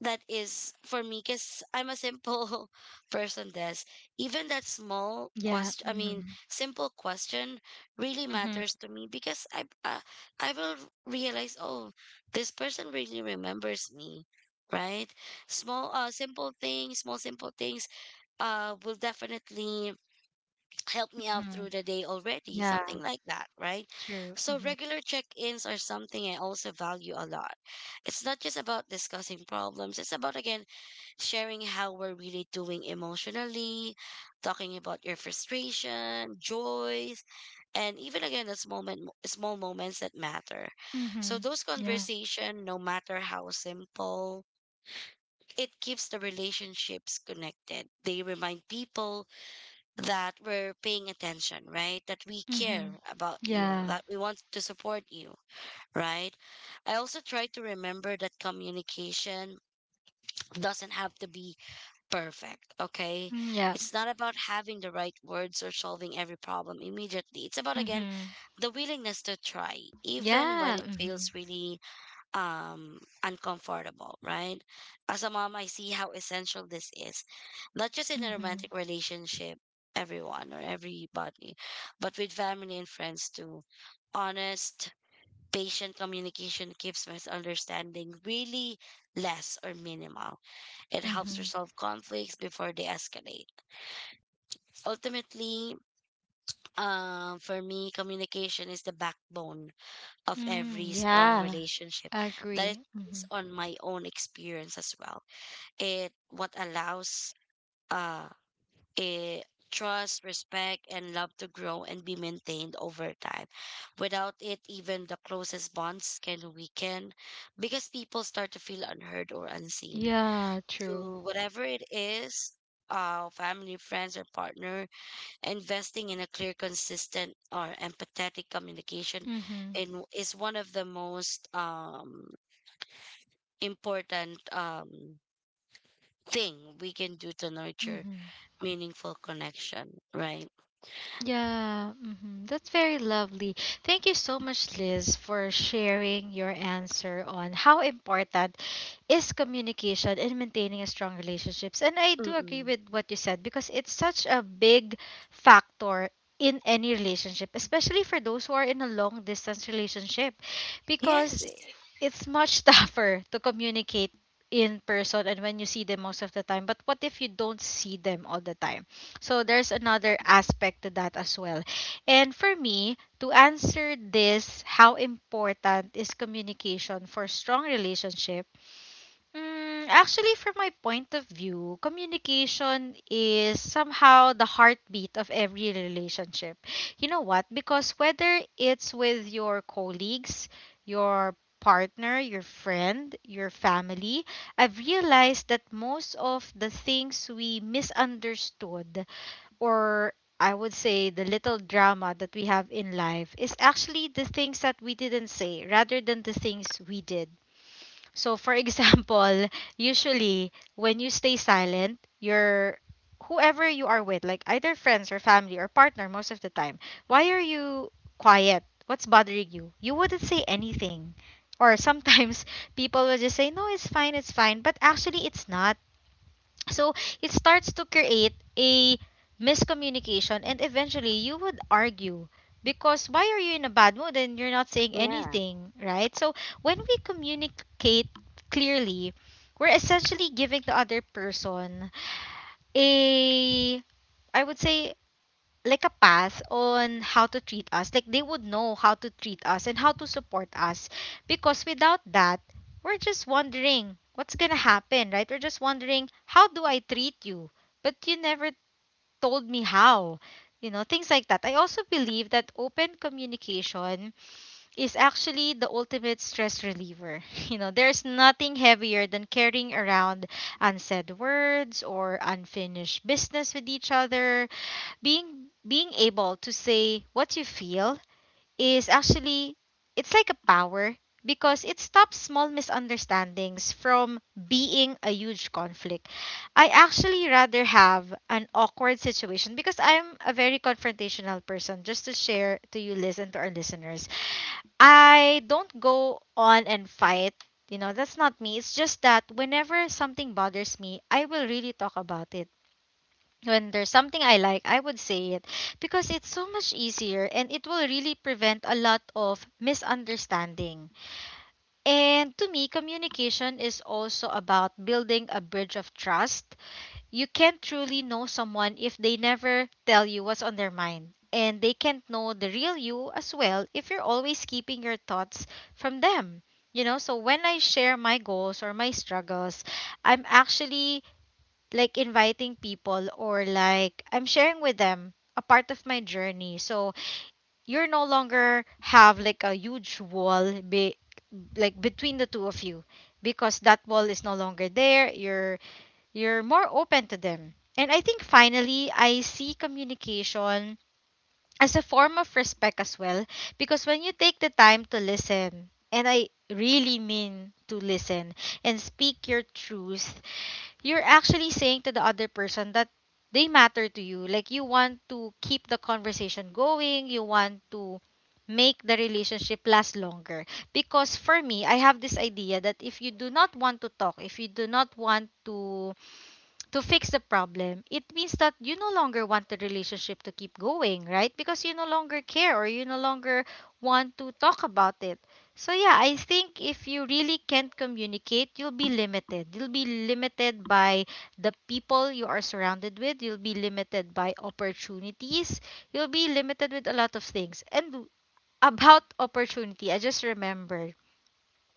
Speaker 2: that is for me because I'm a simple person. This even that small
Speaker 1: Yeah.
Speaker 2: question, I mean
Speaker 1: Mm-hmm.
Speaker 2: simple question, really
Speaker 1: Mm-hmm.
Speaker 2: matters to me because I will realize, oh, this person really remembers me, right? Small simple things, small simple things will definitely help me out
Speaker 1: Mm-hmm.
Speaker 2: through the day already,
Speaker 1: Yeah.
Speaker 2: something like that, right?
Speaker 1: True.
Speaker 2: So
Speaker 1: Mm-hmm.
Speaker 2: regular check-ins are something I also value a lot. It's not just about discussing problems, it's about, again, sharing how we're really doing emotionally, talking about your frustration, joys, and even, again, small moments that matter.
Speaker 1: Mm-hmm.
Speaker 2: So those
Speaker 1: Yeah.
Speaker 2: conversation, no matter how simple, it keeps the relationships connected. They remind people that we're paying attention, right? That we
Speaker 1: Mm-hmm.
Speaker 2: care about you,
Speaker 1: Yeah.
Speaker 2: that we want to support you, right? I also try to remember that communication doesn't have to be perfect, okay?
Speaker 1: Mm, yeah.
Speaker 2: It's not about having the right words or solving every problem immediately. It's about, again,
Speaker 1: Mm-hmm.
Speaker 2: the willingness to try, even when
Speaker 1: Yeah.
Speaker 2: it
Speaker 1: Mm-hmm.
Speaker 2: feels really um uncomfortable, right? As a mom, I see how essential this is, not just in a
Speaker 1: Mm-hmm.
Speaker 2: romantic relationship, everyone or everybody, but with family and friends too. Honest, patient communication keeps misunderstanding really less or minimal. It helps
Speaker 1: Mm-hmm.
Speaker 2: resolve conflicts before they escalate. Ultimately, for me communication is the backbone of every
Speaker 1: Mm,
Speaker 2: strong
Speaker 1: yeah.
Speaker 2: relationship.
Speaker 1: I
Speaker 2: That is
Speaker 1: agree. Mm-hmm.
Speaker 2: based on my own experience as well. It what allows uh it trust, respect and love to grow and be maintained over time. Without it, even the closest bonds can weaken, because people start to feel unheard or unseen.
Speaker 1: Yeah. True.
Speaker 2: To whatever it is, family, friends or partner, investing in a clear, consistent, or empathetic communication
Speaker 1: Mm-hmm.
Speaker 2: is one of the most important thing we can do to nurture
Speaker 1: Mm-hmm.
Speaker 2: meaningful connection, right?
Speaker 1: Yeah, mm-hmm. That's very lovely. Thank you so much, Liz, for sharing your answer on how important is communication in maintaining a strong relationships. And I do agree
Speaker 2: Mm-mm.
Speaker 1: with what you said because it's such a big factor in any relationship, especially for those who are in a long distance relationship, because
Speaker 2: Yes.
Speaker 1: it's much tougher to communicate in person and when you see them most of the time. But what if you don't see them all the time? So there's another aspect to that as well. And for me, to answer this, how important is communication for strong relationship? Actually, from my point of view, communication is somehow the heartbeat of every relationship. You know what? Because whether it's with your colleagues, your partner, your friend, your family, I've realized that most of the things we misunderstood, or I would say the little drama that we have in life, is actually the things that we didn't say rather than the things we did. So, for example, usually when you stay silent, you're, whoever you are with, like either friends or family or partner most of the time, why are you quiet? What's bothering you? You wouldn't say anything. Or sometimes people will just say, no, it's fine, it's fine. But actually, it's not. So it starts to create a miscommunication, and eventually you would argue because why are you in a bad mood and you're not saying
Speaker 2: Yeah.
Speaker 1: anything, right? So when we communicate clearly, we're essentially giving the other person a I would say like a path on how to treat us. Like they would know how to treat us and how to support us. Because without that, we're just wondering what's gonna happen, right? We're just wondering, how do I treat you? But you never told me how. You know, things like that. I also believe that open communication is actually the ultimate stress reliever. You know, there's nothing heavier than carrying around unsaid words or unfinished business with each other. Being able to say what you feel is actually, it's like a power, because it stops small misunderstandings from being a huge conflict. I actually rather have an awkward situation because I'm a very confrontational person, just to share to you, listen, to our listeners. I don't go on and fight. That's not me. It's just that whenever something bothers me, I will really talk about it. When there's something I like, I would say it, because it's so much easier and it will really prevent a lot of misunderstanding. And to me, communication is also about building a bridge of trust. You can't truly know someone if they never tell you what's on their mind. And they can't know the real you as well if you're always keeping your thoughts from them. You know, so when I share my goals or my struggles, I'm actually like inviting people, or like I'm sharing with them a part of my journey. So you're no longer have like a huge wall like between the two of you, because that wall is no longer there. You're more open to them. And I think finally I see communication as a form of respect as well because when you take the time to listen and I really mean to listen and speak your truth, you're actually saying to the other person that they matter to you. Like you want to keep the conversation going, you want to make the relationship last longer. Because for me, I have this idea that if you do not want to talk, if you do not want to fix the problem, it means that you no longer want the relationship to keep going, right? Because you no longer care or you no longer want to talk about it. So, yeah, I think if you really can't communicate, you'll be limited. You'll be limited by the people you are surrounded with, you'll be limited by opportunities, you'll be limited with a lot of things. And about opportunity, I just remembered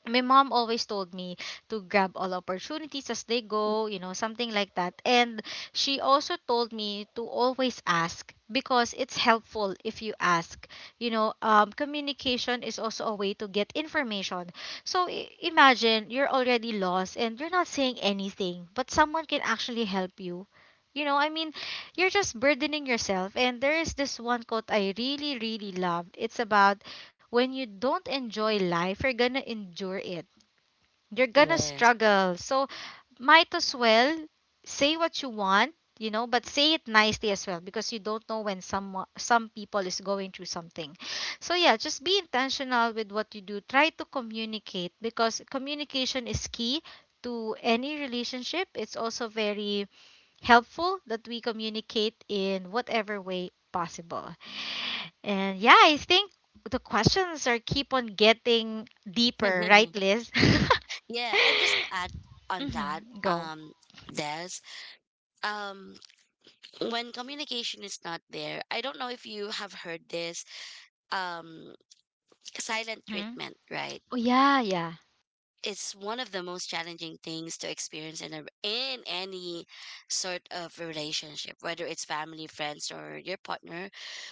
Speaker 1: my mom always told me to grab all opportunities as they go, you know, something like that. And she also told me to always ask because it's helpful if you ask. You know, communication is also a way to get information. So imagine you're already lost and you're not saying anything, but someone can actually help you. You know, I mean, you're just burdening yourself. And there is this one quote I really, really love. It's about when you don't enjoy life, you're gonna endure it. You're gonna
Speaker 2: Yes.
Speaker 1: struggle. So might as well say what you want, you know, but say it nicely as well because you don't know when some people is going through something. So yeah, just be intentional with what you do. Try to communicate because communication is key to any relationship. It's also very helpful that we communicate in whatever way possible. And yeah, I think the questions are keep on getting deeper, right, Liz?
Speaker 2: yeah. And just to add on that,
Speaker 1: Mm-hmm. Go.
Speaker 2: Des, um, when communication is not there, I don't know if you have heard this, um, silent
Speaker 1: Mm-hmm.
Speaker 2: treatment, right?
Speaker 1: Oh, yeah, yeah.
Speaker 2: It's one of the most challenging things to experience in in any sort of relationship, whether it's family, friends or your partner.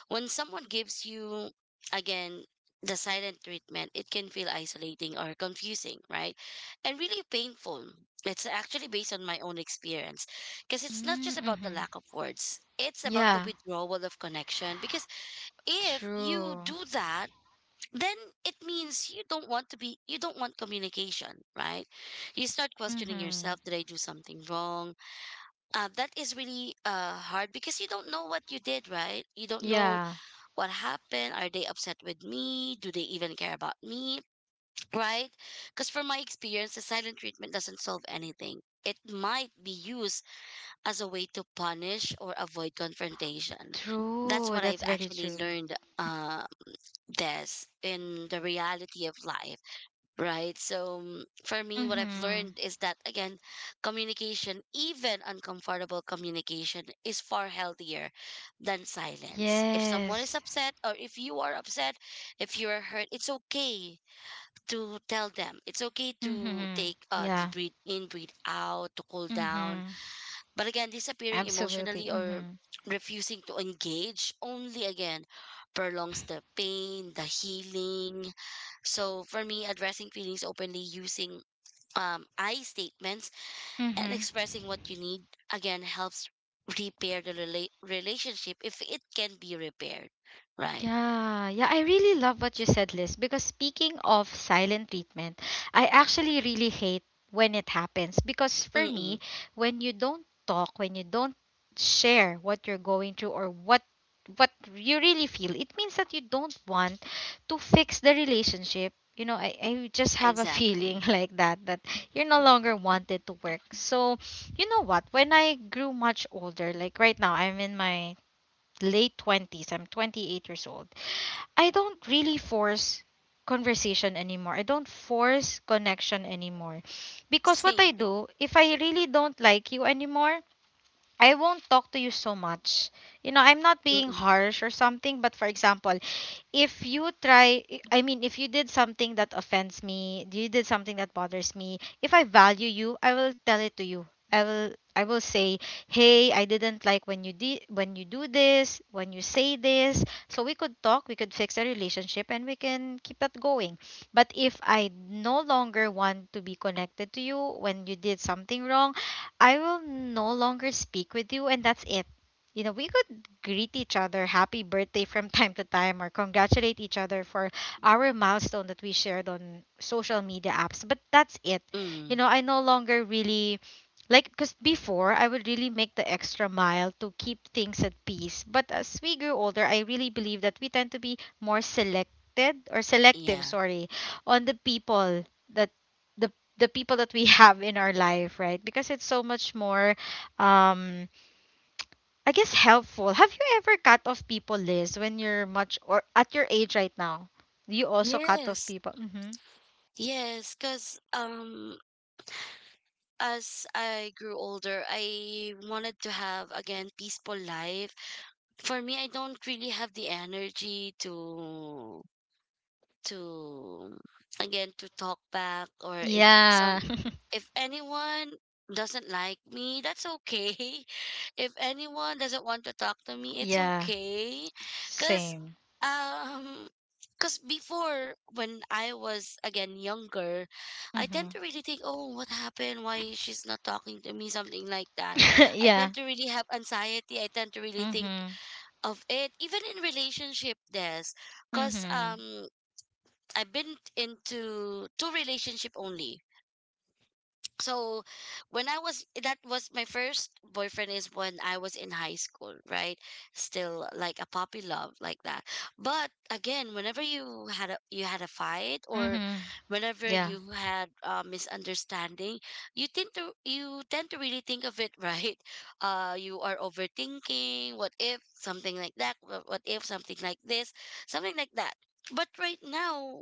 Speaker 2: When someone gives you, again, the silent treatment, it can feel isolating or confusing, right? And really painful. It's actually based on my own experience, because it's not just about the
Speaker 1: Mm-hmm.
Speaker 2: lack of words, it's about the
Speaker 1: Yeah,
Speaker 2: withdrawal of connection. Because if you
Speaker 1: true.
Speaker 2: do that, then it means you don't want communication, right? You start questioning
Speaker 1: Mm-hmm.
Speaker 2: yourself, did I do something wrong? That is really hard because you don't know what you did, right? You don't know
Speaker 1: Yeah,
Speaker 2: what happened. Are they upset with me? Do they even care about me? Right? Because from my experience, the silent treatment doesn't solve anything. It might be used as a way to punish or avoid confrontation. That's
Speaker 1: true.
Speaker 2: what I've
Speaker 1: That's very
Speaker 2: actually
Speaker 1: true.
Speaker 2: learned, uh, this in the reality of life. Right. So, mm, for me, what I've
Speaker 1: Mm-hmm.
Speaker 2: learned is that, again, communication, even uncomfortable communication, is far healthier than silence. If someone is
Speaker 1: Yes.
Speaker 2: upset, or if you are upset, if you are hurt, it's okay to tell them. It's okay to
Speaker 1: Mm-hmm.
Speaker 2: take, to
Speaker 1: Yeah.
Speaker 2: breathe in, breathe out, to cool down,
Speaker 1: Mm-hmm.
Speaker 2: but again, disappearing emotionally
Speaker 1: Absolutely.
Speaker 2: or
Speaker 1: Mm-hmm.
Speaker 2: refusing to engage only, again, prolongs the pain, the healing. So for me, addressing feelings openly using, I statements and
Speaker 1: Mm-hmm.
Speaker 2: expressing what you need again helps repair relationship if it can be repaired. Right.
Speaker 1: Yeah, yeah, I really love what you said, Liz, because speaking of silent treatment, I actually really hate when it happens because for me,
Speaker 2: Mm-mm.
Speaker 1: when you don't talk, when you don't share what you're going through or what you really feel, it means that you don't want to fix the relationship. You know, I just have a feeling
Speaker 2: Exactly.
Speaker 1: like that, that you're no longer wanted to work. So, you know what? When I grew much older, like right now, I'm in my late 20s, I'm 28 years old. I don't really force conversation anymore. I don't force connection anymore. Because what
Speaker 2: Same.
Speaker 1: I do, if I really don't like you anymore, I won't talk to you so much. You know, I'm not being
Speaker 2: Mm-mm.
Speaker 1: harsh or something, but for example, if you try, I mean, if you did something that offends me, you did something that bothers me, if I value you, I will tell it to you, i will I will say, hey, I didn't like when you did, when you do this, when you say this, so we could talk, we could fix a relationship, and we can keep that going. But if I no longer want to be connected to you when you did something wrong, I will no longer speak with you, and that's it. You know, we could greet each other, happy birthday from time to time, or congratulate each other for our milestone that we shared on social media apps. But that's it. You
Speaker 2: Mm.
Speaker 1: know, I no longer really like because before I would really make the extra mile to keep things at peace. But as we grew older, I really believe that we tend to be more selected or selective,
Speaker 2: Yeah.
Speaker 1: sorry, on the people that the the people that we have in our life, right? Because it's so much more um I guess helpful. Have you ever cut off people, Liz, when you're much or at your age right now? Do you also cut off
Speaker 2: Yes.
Speaker 1: people? Hmm.
Speaker 2: Yes. Because, as I grew older, I wanted to have again peaceful life. For me, I don't really have the energy to to again to talk back, or if
Speaker 1: Yeah.
Speaker 2: some if anyone doesn't like me, that's okay. If anyone doesn't want to talk to me, it's
Speaker 1: Yeah.
Speaker 2: okay. Cause
Speaker 1: Same.
Speaker 2: um because before when I was again younger, I tend
Speaker 1: Hmm.
Speaker 2: to really think, oh, what happened? Why she's not talking to me? Something like that. I
Speaker 1: Yeah.
Speaker 2: tend to really have anxiety. I tend to really think
Speaker 1: Hmm.
Speaker 2: of it, even in relationship. This, cause
Speaker 1: Hmm.
Speaker 2: I've been into two relationship only, so when I was that was my first boyfriend, is when I was in high school, right? Still like a puppy love, like that. But again, whenever you had a fight, or
Speaker 1: Hmm.
Speaker 2: whenever
Speaker 1: Yeah.
Speaker 2: you had a misunderstanding, you tend to really think of it, right? You are overthinking, what if something like that, what if something like this, something like that. But right now,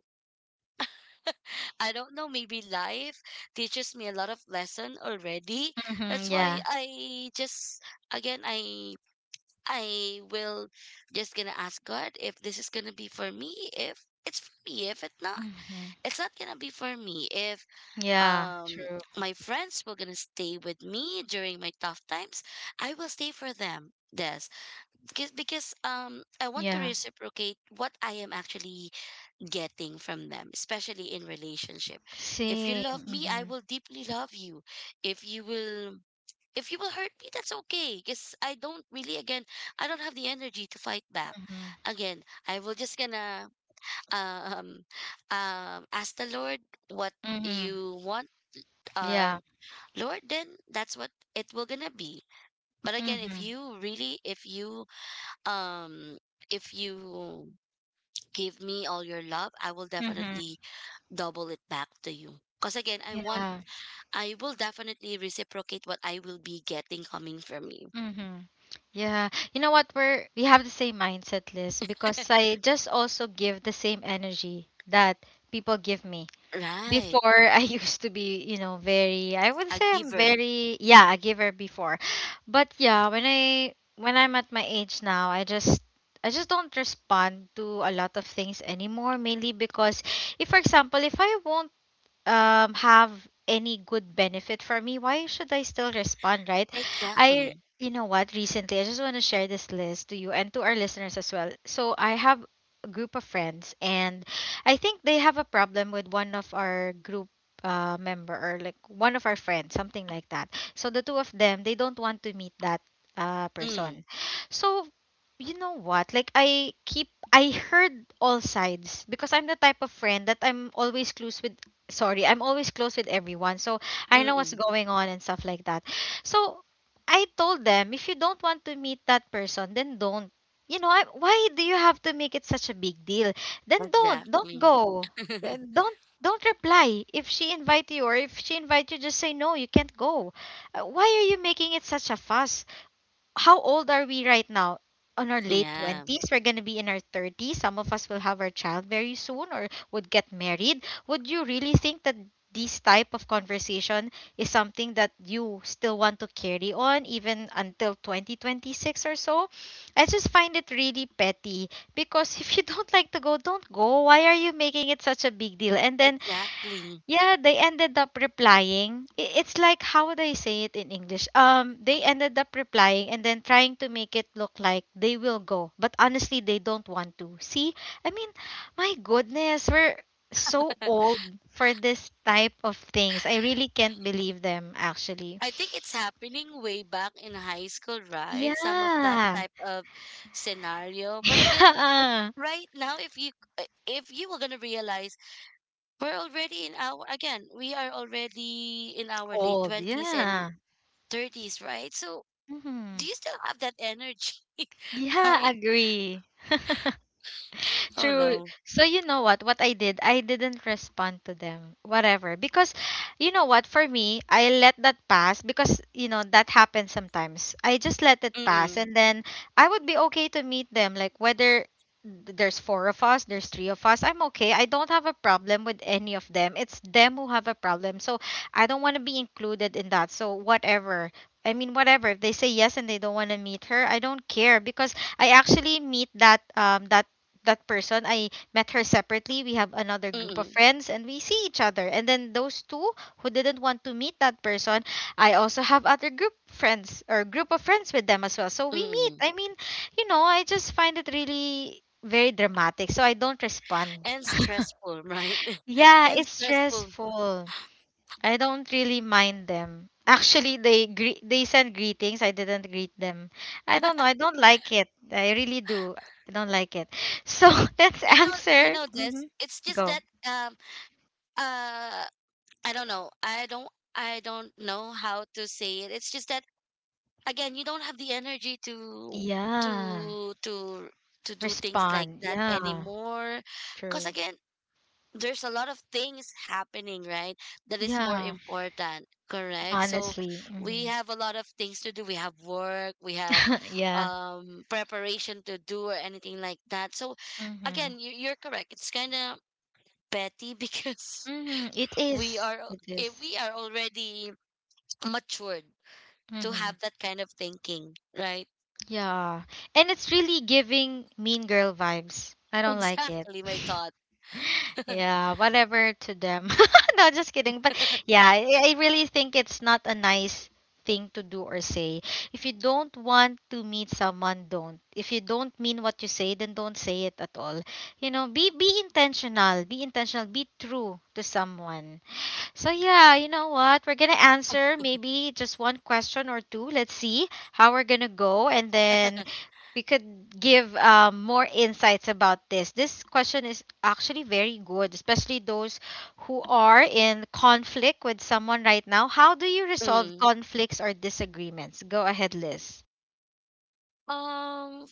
Speaker 2: I don't know, maybe life teaches me a lot of lesson already.
Speaker 1: Hmm.
Speaker 2: That's why
Speaker 1: Yeah.
Speaker 2: I just again I will just gonna ask God if this is gonna be for me. If it's for me, if it's not,
Speaker 1: Hmm.
Speaker 2: it's not gonna be for me. If,
Speaker 1: Yeah.
Speaker 2: um
Speaker 1: True.
Speaker 2: my friends were gonna stay with me during my tough times, I will stay for them. This because I want to
Speaker 1: Yeah.
Speaker 2: reciprocate what I am actually getting from them, especially in relationship. If you
Speaker 1: Same.
Speaker 2: love me, I
Speaker 1: Hmm.
Speaker 2: will deeply love you. If you will if you will hurt me, that's okay. Because I don't really, again, I don't have the energy to fight back.
Speaker 1: Hmm.
Speaker 2: Again, I will just gonna um, ask the Lord what
Speaker 1: Hmm.
Speaker 2: you want,
Speaker 1: Yeah.
Speaker 2: um, Lord. Then that's what it will gonna be. But again, if
Speaker 1: Hmm.
Speaker 2: you really, if you, um, if you give me all your love, I will
Speaker 1: Hmm.
Speaker 2: definitely double it back to you. Because again,
Speaker 1: Yeah.
Speaker 2: I will definitely reciprocate what I will be getting coming from you.
Speaker 1: Mm-hmm. Yeah. You know what? We have the same mindset list because I just also give the same energy that people give me.
Speaker 2: Right.
Speaker 1: Before I used to be, you know, very, I would
Speaker 2: A
Speaker 1: say, I'm
Speaker 2: giver.
Speaker 1: very, yeah, a giver before. But yeah, when I'm at my age now, I just don't respond to a lot of things anymore, mainly because if, for example, if I won't have any good benefit for me, why should I still respond, right? i
Speaker 2: Exactly.
Speaker 1: you know what, recently I just want to share this list to you and to our listeners as well. So I have a group of friends, and I think they have a problem with one of our group member, or like one of our friends, something like that. So the two of them, they don't want to meet that
Speaker 2: Mm.
Speaker 1: person. So you know what, like I heard all sides because I'm the type of friend that I'm always close with, sorry, I'm always close with everyone, so I know what's
Speaker 2: Mm-mm.
Speaker 1: going on and stuff like that. So I told them, if you don't want to meet that person, then don't. You know, why do you have to make it such a big deal? Then don't
Speaker 2: Exactly.
Speaker 1: go. Uh, don't don't reply, if she invite you, or if she invite you, just say no, you can't go. Why are you making it such a fuss? How old are we right now? On our late
Speaker 2: Yeah.
Speaker 1: 20s, we're going to be in our 30s. Some of us will have our child very soon or would get married. Would you really think that this type of conversation is something that you still want to carry on even until 2026 or so? I just find it really petty because if you don't like to go, don't go. Why are you making it such a big deal? And then,
Speaker 2: Exactly.
Speaker 1: yeah, they ended up replying. It's like, how would I say it in English? They ended up replying and then trying to make it look like they will go, but honestly, they don't want to. See, I mean, my goodness, we're so old for this type of things. I really can't believe them, actually.
Speaker 2: I think it's happening way back in high school, right? Some of that
Speaker 1: Yeah.
Speaker 2: type of scenario. But again,
Speaker 1: Yeah,
Speaker 2: right now, if you were going to realize, we're already in our we are already in our late
Speaker 1: old.
Speaker 2: 20s and
Speaker 1: Yeah.
Speaker 2: 30s, right? So do
Speaker 1: Hmm.
Speaker 2: you still have that energy,
Speaker 1: Yeah,
Speaker 2: right?
Speaker 1: agree.
Speaker 2: Oh
Speaker 1: True.
Speaker 2: no.
Speaker 1: So you know what? What I did, I didn't respond to them. Whatever. Because you know what, for me, I let that pass because you know that happens sometimes. I just let it pass,
Speaker 2: Mm-mm.
Speaker 1: and then I would be okay to meet them. Like whether there's four of us, there's three of us, I'm okay. I don't have a problem with any of them. It's them who have a problem. So I don't want to be included in that. So whatever. I mean, whatever. If they say yes and they don't want to meet her, I don't care because I actually meet that that person. I met her separately. We have another group of
Speaker 2: Mm-mm.
Speaker 1: friends and we see each other. And then those two who didn't want to meet that person, I also have other group friends or group of friends with them as well. So we meet.
Speaker 2: Mm-mm.
Speaker 1: I mean, you know, I just find it really very dramatic. So I don't respond.
Speaker 2: And stressful, right?
Speaker 1: Yeah,
Speaker 2: And
Speaker 1: it's
Speaker 2: stressful.
Speaker 1: stressful. I don't really mind them. Actually, they send greetings. I didn't greet them. I don't know. I don't like it. I really do. I don't like it. So let's
Speaker 2: You know, you
Speaker 1: answer.
Speaker 2: know this.
Speaker 1: Hmm.
Speaker 2: It's just
Speaker 1: Go.
Speaker 2: that, um uh I don't know. I don't know how to say it. It's just that, again, you don't have the energy to
Speaker 1: Yeah.
Speaker 2: to to to do things like
Speaker 1: Respond.
Speaker 2: that
Speaker 1: Yeah.
Speaker 2: anymore. Cause
Speaker 1: True.
Speaker 2: again, there's a lot of things happening, right? That is more
Speaker 1: Yeah.
Speaker 2: important, correct? So
Speaker 1: Honestly.
Speaker 2: we
Speaker 1: Hmm.
Speaker 2: have a lot of things to do. We have work, we have
Speaker 1: Yeah.
Speaker 2: preparation to do, or anything like that. So
Speaker 1: Mm-hmm.
Speaker 2: again, you're correct. It's kind of petty because
Speaker 1: Mm-hmm. It
Speaker 2: we
Speaker 1: is.
Speaker 2: are
Speaker 1: It is.
Speaker 2: we are already matured to
Speaker 1: Mm-hmm.
Speaker 2: have that kind of thinking, right?
Speaker 1: Yeah. And it's really giving mean girl vibes. I don't like it.
Speaker 2: Exactly my thought.
Speaker 1: Yeah, whatever to them. No, just kidding. But yeah, I really think it's not a nice thing to do or say. If you don't want to meet someone, don't. If you don't mean what you say, then don't say it at all. You know, be intentional. Be intentional. Be true to someone. So yeah, you know what? We're gonna answer maybe just one question or two. Let's see how we're gonna go, and then we could give more insights about this. This question is actually very good, especially those who are in conflict with someone right now. How do you resolve
Speaker 2: Mm.
Speaker 1: conflicts or disagreements? Go ahead, Liz.
Speaker 2: Um,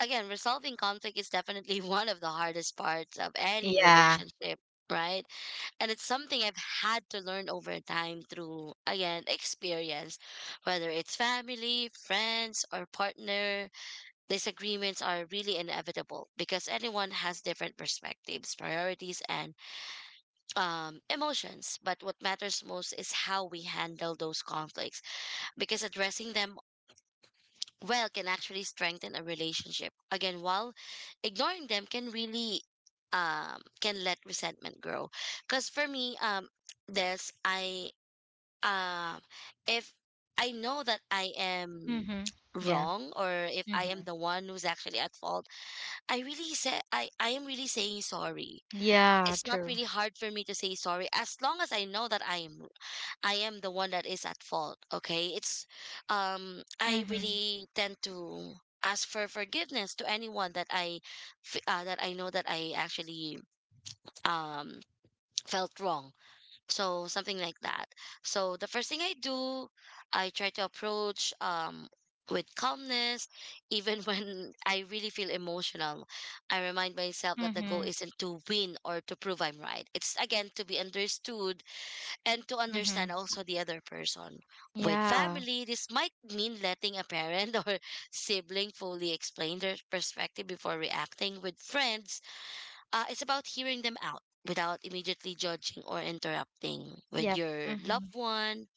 Speaker 2: again, resolving conflict is definitely one of the hardest parts of any
Speaker 1: Yeah.
Speaker 2: relationship, right? And it's something I've had to learn over time through, again, experience, whether it's family, friends, or partner. Disagreements are really inevitable because anyone has different perspectives, priorities, and, emotions. But what matters most is how we handle those conflicts, because addressing them well can actually strengthen a relationship. Again, while ignoring them can really can let resentment grow. Cause for me, this I um if I know that I am
Speaker 1: Mm-hmm. Yeah.
Speaker 2: wrong, or if I
Speaker 1: Mm-hmm.
Speaker 2: am the one who's actually at fault, I am really saying sorry.
Speaker 1: Yeah.
Speaker 2: It's not
Speaker 1: True.
Speaker 2: really hard for me to say sorry, as long as I know that I am the one that is at fault. Okay. It's, I
Speaker 1: Mm-hmm.
Speaker 2: really tend to ask for forgiveness to anyone that that I know that I actually, um, felt wrong. So something like that. So the first thing I do, I try to approach, with calmness, even when I really feel emotional. I remind myself that the goal
Speaker 1: Mm-hmm.
Speaker 2: isn't to win or to prove I'm right. It's again to be understood, and to understand
Speaker 1: Mm-hmm.
Speaker 2: also the other person. With
Speaker 1: Yeah.
Speaker 2: family, this might mean letting a parent or sibling fully explain their perspective before reacting. With friends, it's about hearing them out without immediately judging or interrupting. With
Speaker 1: Yep.
Speaker 2: your
Speaker 1: Mm-hmm.
Speaker 2: loved one,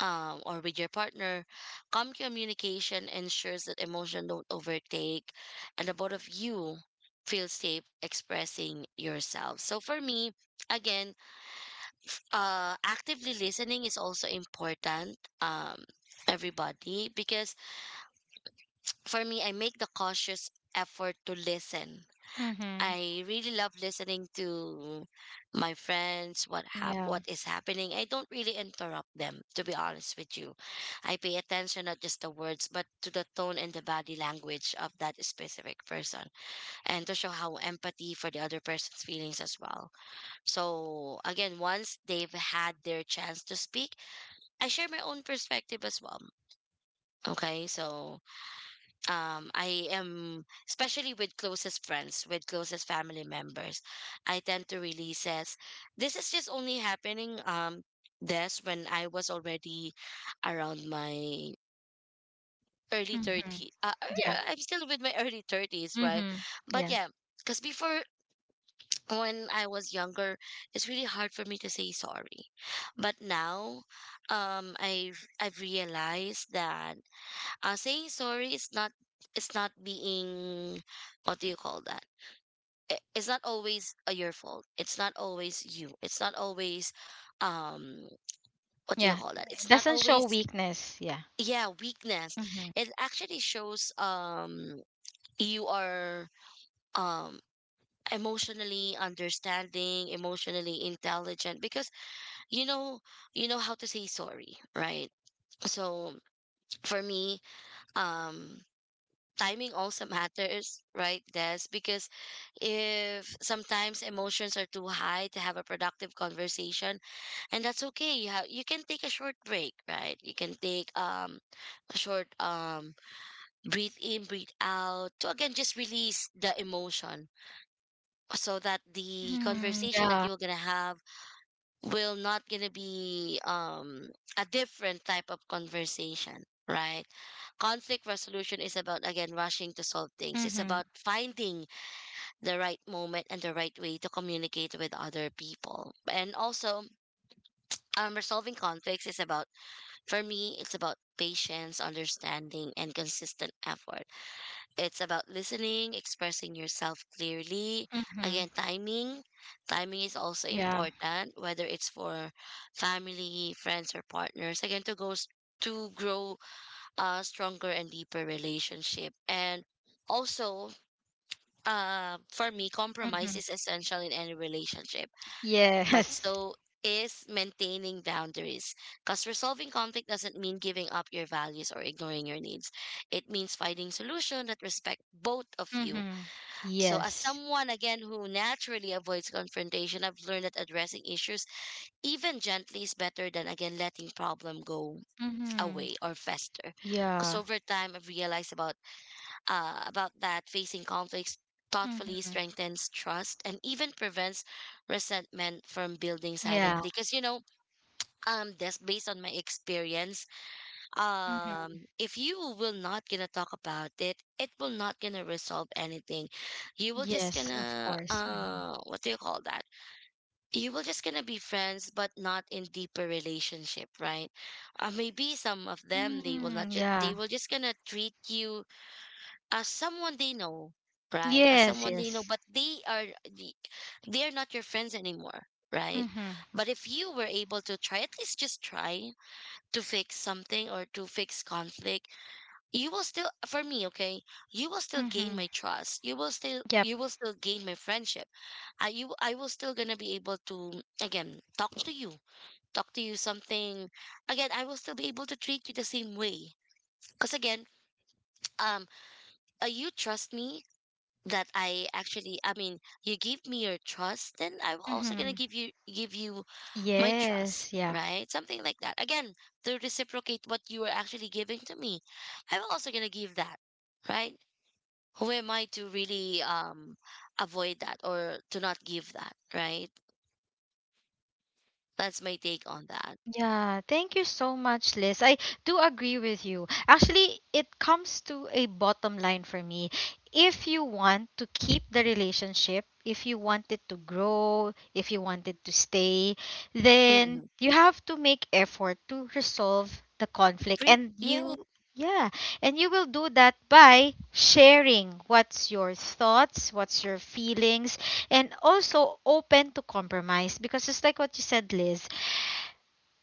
Speaker 2: or with your partner, calm communication ensures that emotion don't overtake, and the both of you feel safe expressing yourself. So for me, again, actively listening is also important, everybody, because for me I make the cautious effort to listen.
Speaker 1: Mm-hmm.
Speaker 2: I really love listening to my friends,
Speaker 1: Yeah.
Speaker 2: what is happening. I don't really interrupt them, to be honest with you. I pay attention, not just the words, but to the tone and the body language of that specific person, and to show how empathy for the other person's feelings as well. So again, once they've had their chance to speak, I share my own perspective as well. Okay, so, I am, especially with closest friends, with closest family members, I tend to really says, this is just only happening, this when I was already around my early
Speaker 1: Mm-hmm.
Speaker 2: 30s,
Speaker 1: Yeah.
Speaker 2: I'm still with my early 30s, right?
Speaker 1: Mm-hmm.
Speaker 2: But
Speaker 1: Yeah.
Speaker 2: yeah, because before, when I was younger, it's really hard for me to say sorry. But now, I've realized that, saying sorry is not, its not being what do you call that, it's not always your fault. It's not always you. It's not always, um what do you
Speaker 1: Yeah.
Speaker 2: call that,
Speaker 1: It
Speaker 2: it's not
Speaker 1: doesn't show
Speaker 2: always,
Speaker 1: weakness. Yeah.
Speaker 2: yeah, weakness.
Speaker 1: Mm-hmm.
Speaker 2: It actually shows, you are, um emotionally understanding, emotionally intelligent, because you know, you know how to say sorry, right? So for me, um timing also matters, right, Des? Because if sometimes emotions are too high to have a productive conversation, and that's okay. You can take a short break, right? You can take a short breathe in, breathe out, to again just release the emotion, so that the
Speaker 1: Mm-hmm.
Speaker 2: conversation that
Speaker 1: Yeah.
Speaker 2: you're gonna have will not gonna be a different type of conversation, right? Conflict resolution is about again rushing to solve things. It's
Speaker 1: Mm-hmm.
Speaker 2: about finding the right moment and the right way to communicate with other people. And also, resolving conflicts is about, for me, it's about patience, understanding, and consistent effort. It's about listening, expressing yourself clearly,
Speaker 1: Mm-hmm.
Speaker 2: again timing. Timing is also
Speaker 1: Yeah.
Speaker 2: important, whether it's for family, friends, or partners, again, to grow a stronger and deeper relationship. And also, for me, compromise
Speaker 1: Mm-hmm.
Speaker 2: is essential in any relationship, but
Speaker 1: Yes.
Speaker 2: so is maintaining boundaries. Because resolving conflict doesn't mean giving up your values or ignoring your needs. It means finding solution that respect both of you.
Speaker 1: Mm-hmm.
Speaker 2: So, as
Speaker 1: Yes.
Speaker 2: someone again who naturally avoids confrontation, I've learned that addressing issues, even gently, is better than again letting problem go
Speaker 1: Mm-hmm.
Speaker 2: away or fester. Because
Speaker 1: Yeah.
Speaker 2: over time, I've realized about that facing conflicts thoughtfully
Speaker 1: Mm-hmm.
Speaker 2: strengthens trust, and even prevents resentment from building silently,
Speaker 1: Yeah.
Speaker 2: because you know, that's based on my experience.
Speaker 1: Mm-hmm.
Speaker 2: If you will not gonna talk about it, it will not gonna resolve anything. You will just
Speaker 1: Yes, of
Speaker 2: gonna,
Speaker 1: course. Mm-hmm.
Speaker 2: what do you call that, you will just gonna be friends, but not in deeper relationship, right? Maybe some of them, they will not
Speaker 1: Mm,
Speaker 2: they
Speaker 1: yeah.
Speaker 2: will just gonna treat you as someone they know. Right? As
Speaker 1: Yes,
Speaker 2: someone they know,
Speaker 1: yes.
Speaker 2: but they are, y- they are not your friends anymore, right?
Speaker 1: Mm-hmm.
Speaker 2: But if you were able to try, at least just try to fix something, or to fix conflict, you will still, for me, okay, you will still gain
Speaker 1: Mm-hmm.
Speaker 2: my trust.
Speaker 1: Yep.
Speaker 2: You will still gain my friendship. I will still gonna be able to again talk to you, something. Again, I will still be able to treat you the same way. Cause again, um, you trust me that I actually I mean you give me your trust, then I'm also gonna
Speaker 1: Mm-hmm.
Speaker 2: give you my trust,
Speaker 1: Yes, yep.
Speaker 2: right? Something like that. Again, to reciprocate what you are actually giving to me, I'm also gonna give that, right? Who am I to really avoid that, or to not give that, right? That's my take on that.
Speaker 1: Yeah, thank you so much, Liz. I do agree with you. Actually, it comes to a bottom line for me. If you want to keep the relationship, if you want it to grow, if you want it to stay,
Speaker 2: Mm-hmm.
Speaker 1: then you have to make effort to resolve the conflict. And
Speaker 2: Yeah.
Speaker 1: you, yeah, and you will do that by sharing what's your thoughts, what's your feelings, and also open to compromise. Because just like what you said, Liz,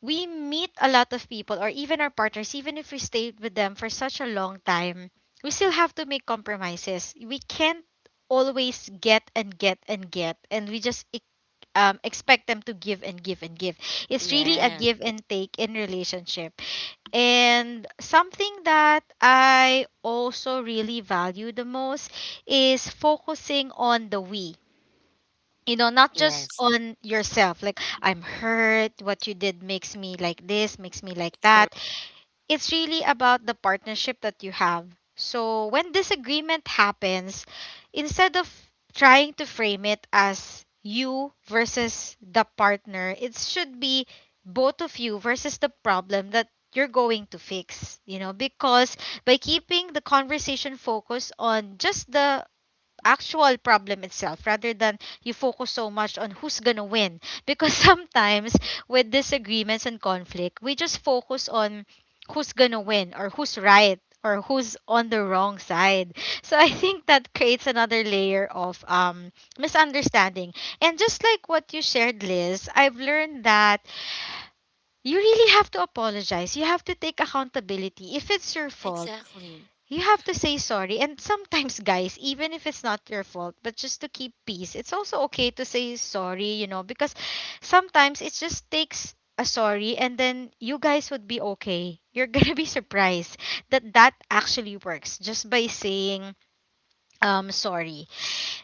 Speaker 1: we meet a lot of people or even our partners, even if we stayed with them for such a long time, we still have to make compromises. We can't always get and get and get, and we just expect them to give and give and give. It's really a
Speaker 2: Yeah.
Speaker 1: give and take in relationship. And something that I also really value the most is focusing on the we, you know, not just
Speaker 2: Yes.
Speaker 1: on yourself, like, I'm hurt, what you did makes me like this, makes me like
Speaker 2: Correct.
Speaker 1: that. It's really about the partnership that you have, so when disagreement happens, instead of trying to frame it as you versus the partner, it should be both of you versus the problem that you're going to fix. You know, because by keeping the conversation focused on just the actual problem itself rather than you focus so much on who's gonna win, because sometimes with disagreements and conflict, we just focus on who's gonna win or who's right or who's on the wrong side. So I think that creates another layer of misunderstanding. And just like what you shared, Liz, I've learned that you really have to apologize, you have to take accountability if it's your fault,
Speaker 2: Exactly.
Speaker 1: you have to say sorry. And sometimes, guys, even if it's not your fault, but just to keep peace, it's also okay to say sorry, you know, because sometimes it just takes a sorry and then you guys would be okay. You're going to be surprised that that actually works just by saying sorry.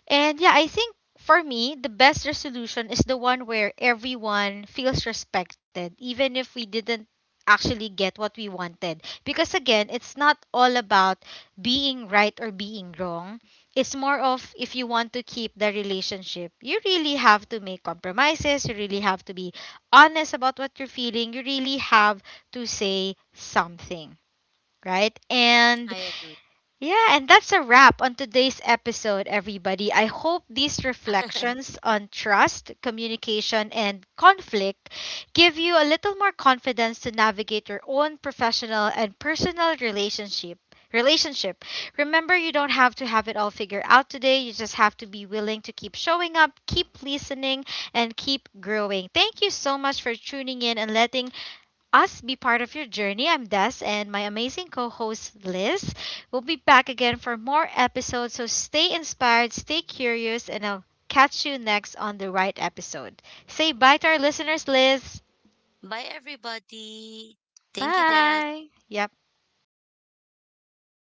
Speaker 1: And yeah, I think for me, the best resolution is the one where everyone feels respected, even if we didn't actually get what we wanted. Because again, it's not all about being right or being wrong. It's more of, if you want to keep the relationship, you really have to make compromises, you really have to be honest about what you're feeling, you really have to say something, right? And
Speaker 2: I agree.
Speaker 1: yeah, and that's a wrap on today's episode, everybody. I hope these reflections on trust, communication, and conflict give you a little more confidence to navigate your own professional and personal relationship. Relationship. Remember, you don't have to have it all figured out today. You just have to be willing to keep showing up, keep listening, and keep growing. Thank you so much for tuning in and letting us be part of your journey. I'm Des, and my amazing co host Liz will be back again for more episodes. So stay inspired, stay curious, and I'll catch you next on the right episode. Say bye to our listeners, Liz.
Speaker 2: Bye everybody. Thank you, Des.
Speaker 1: Bye. Yep.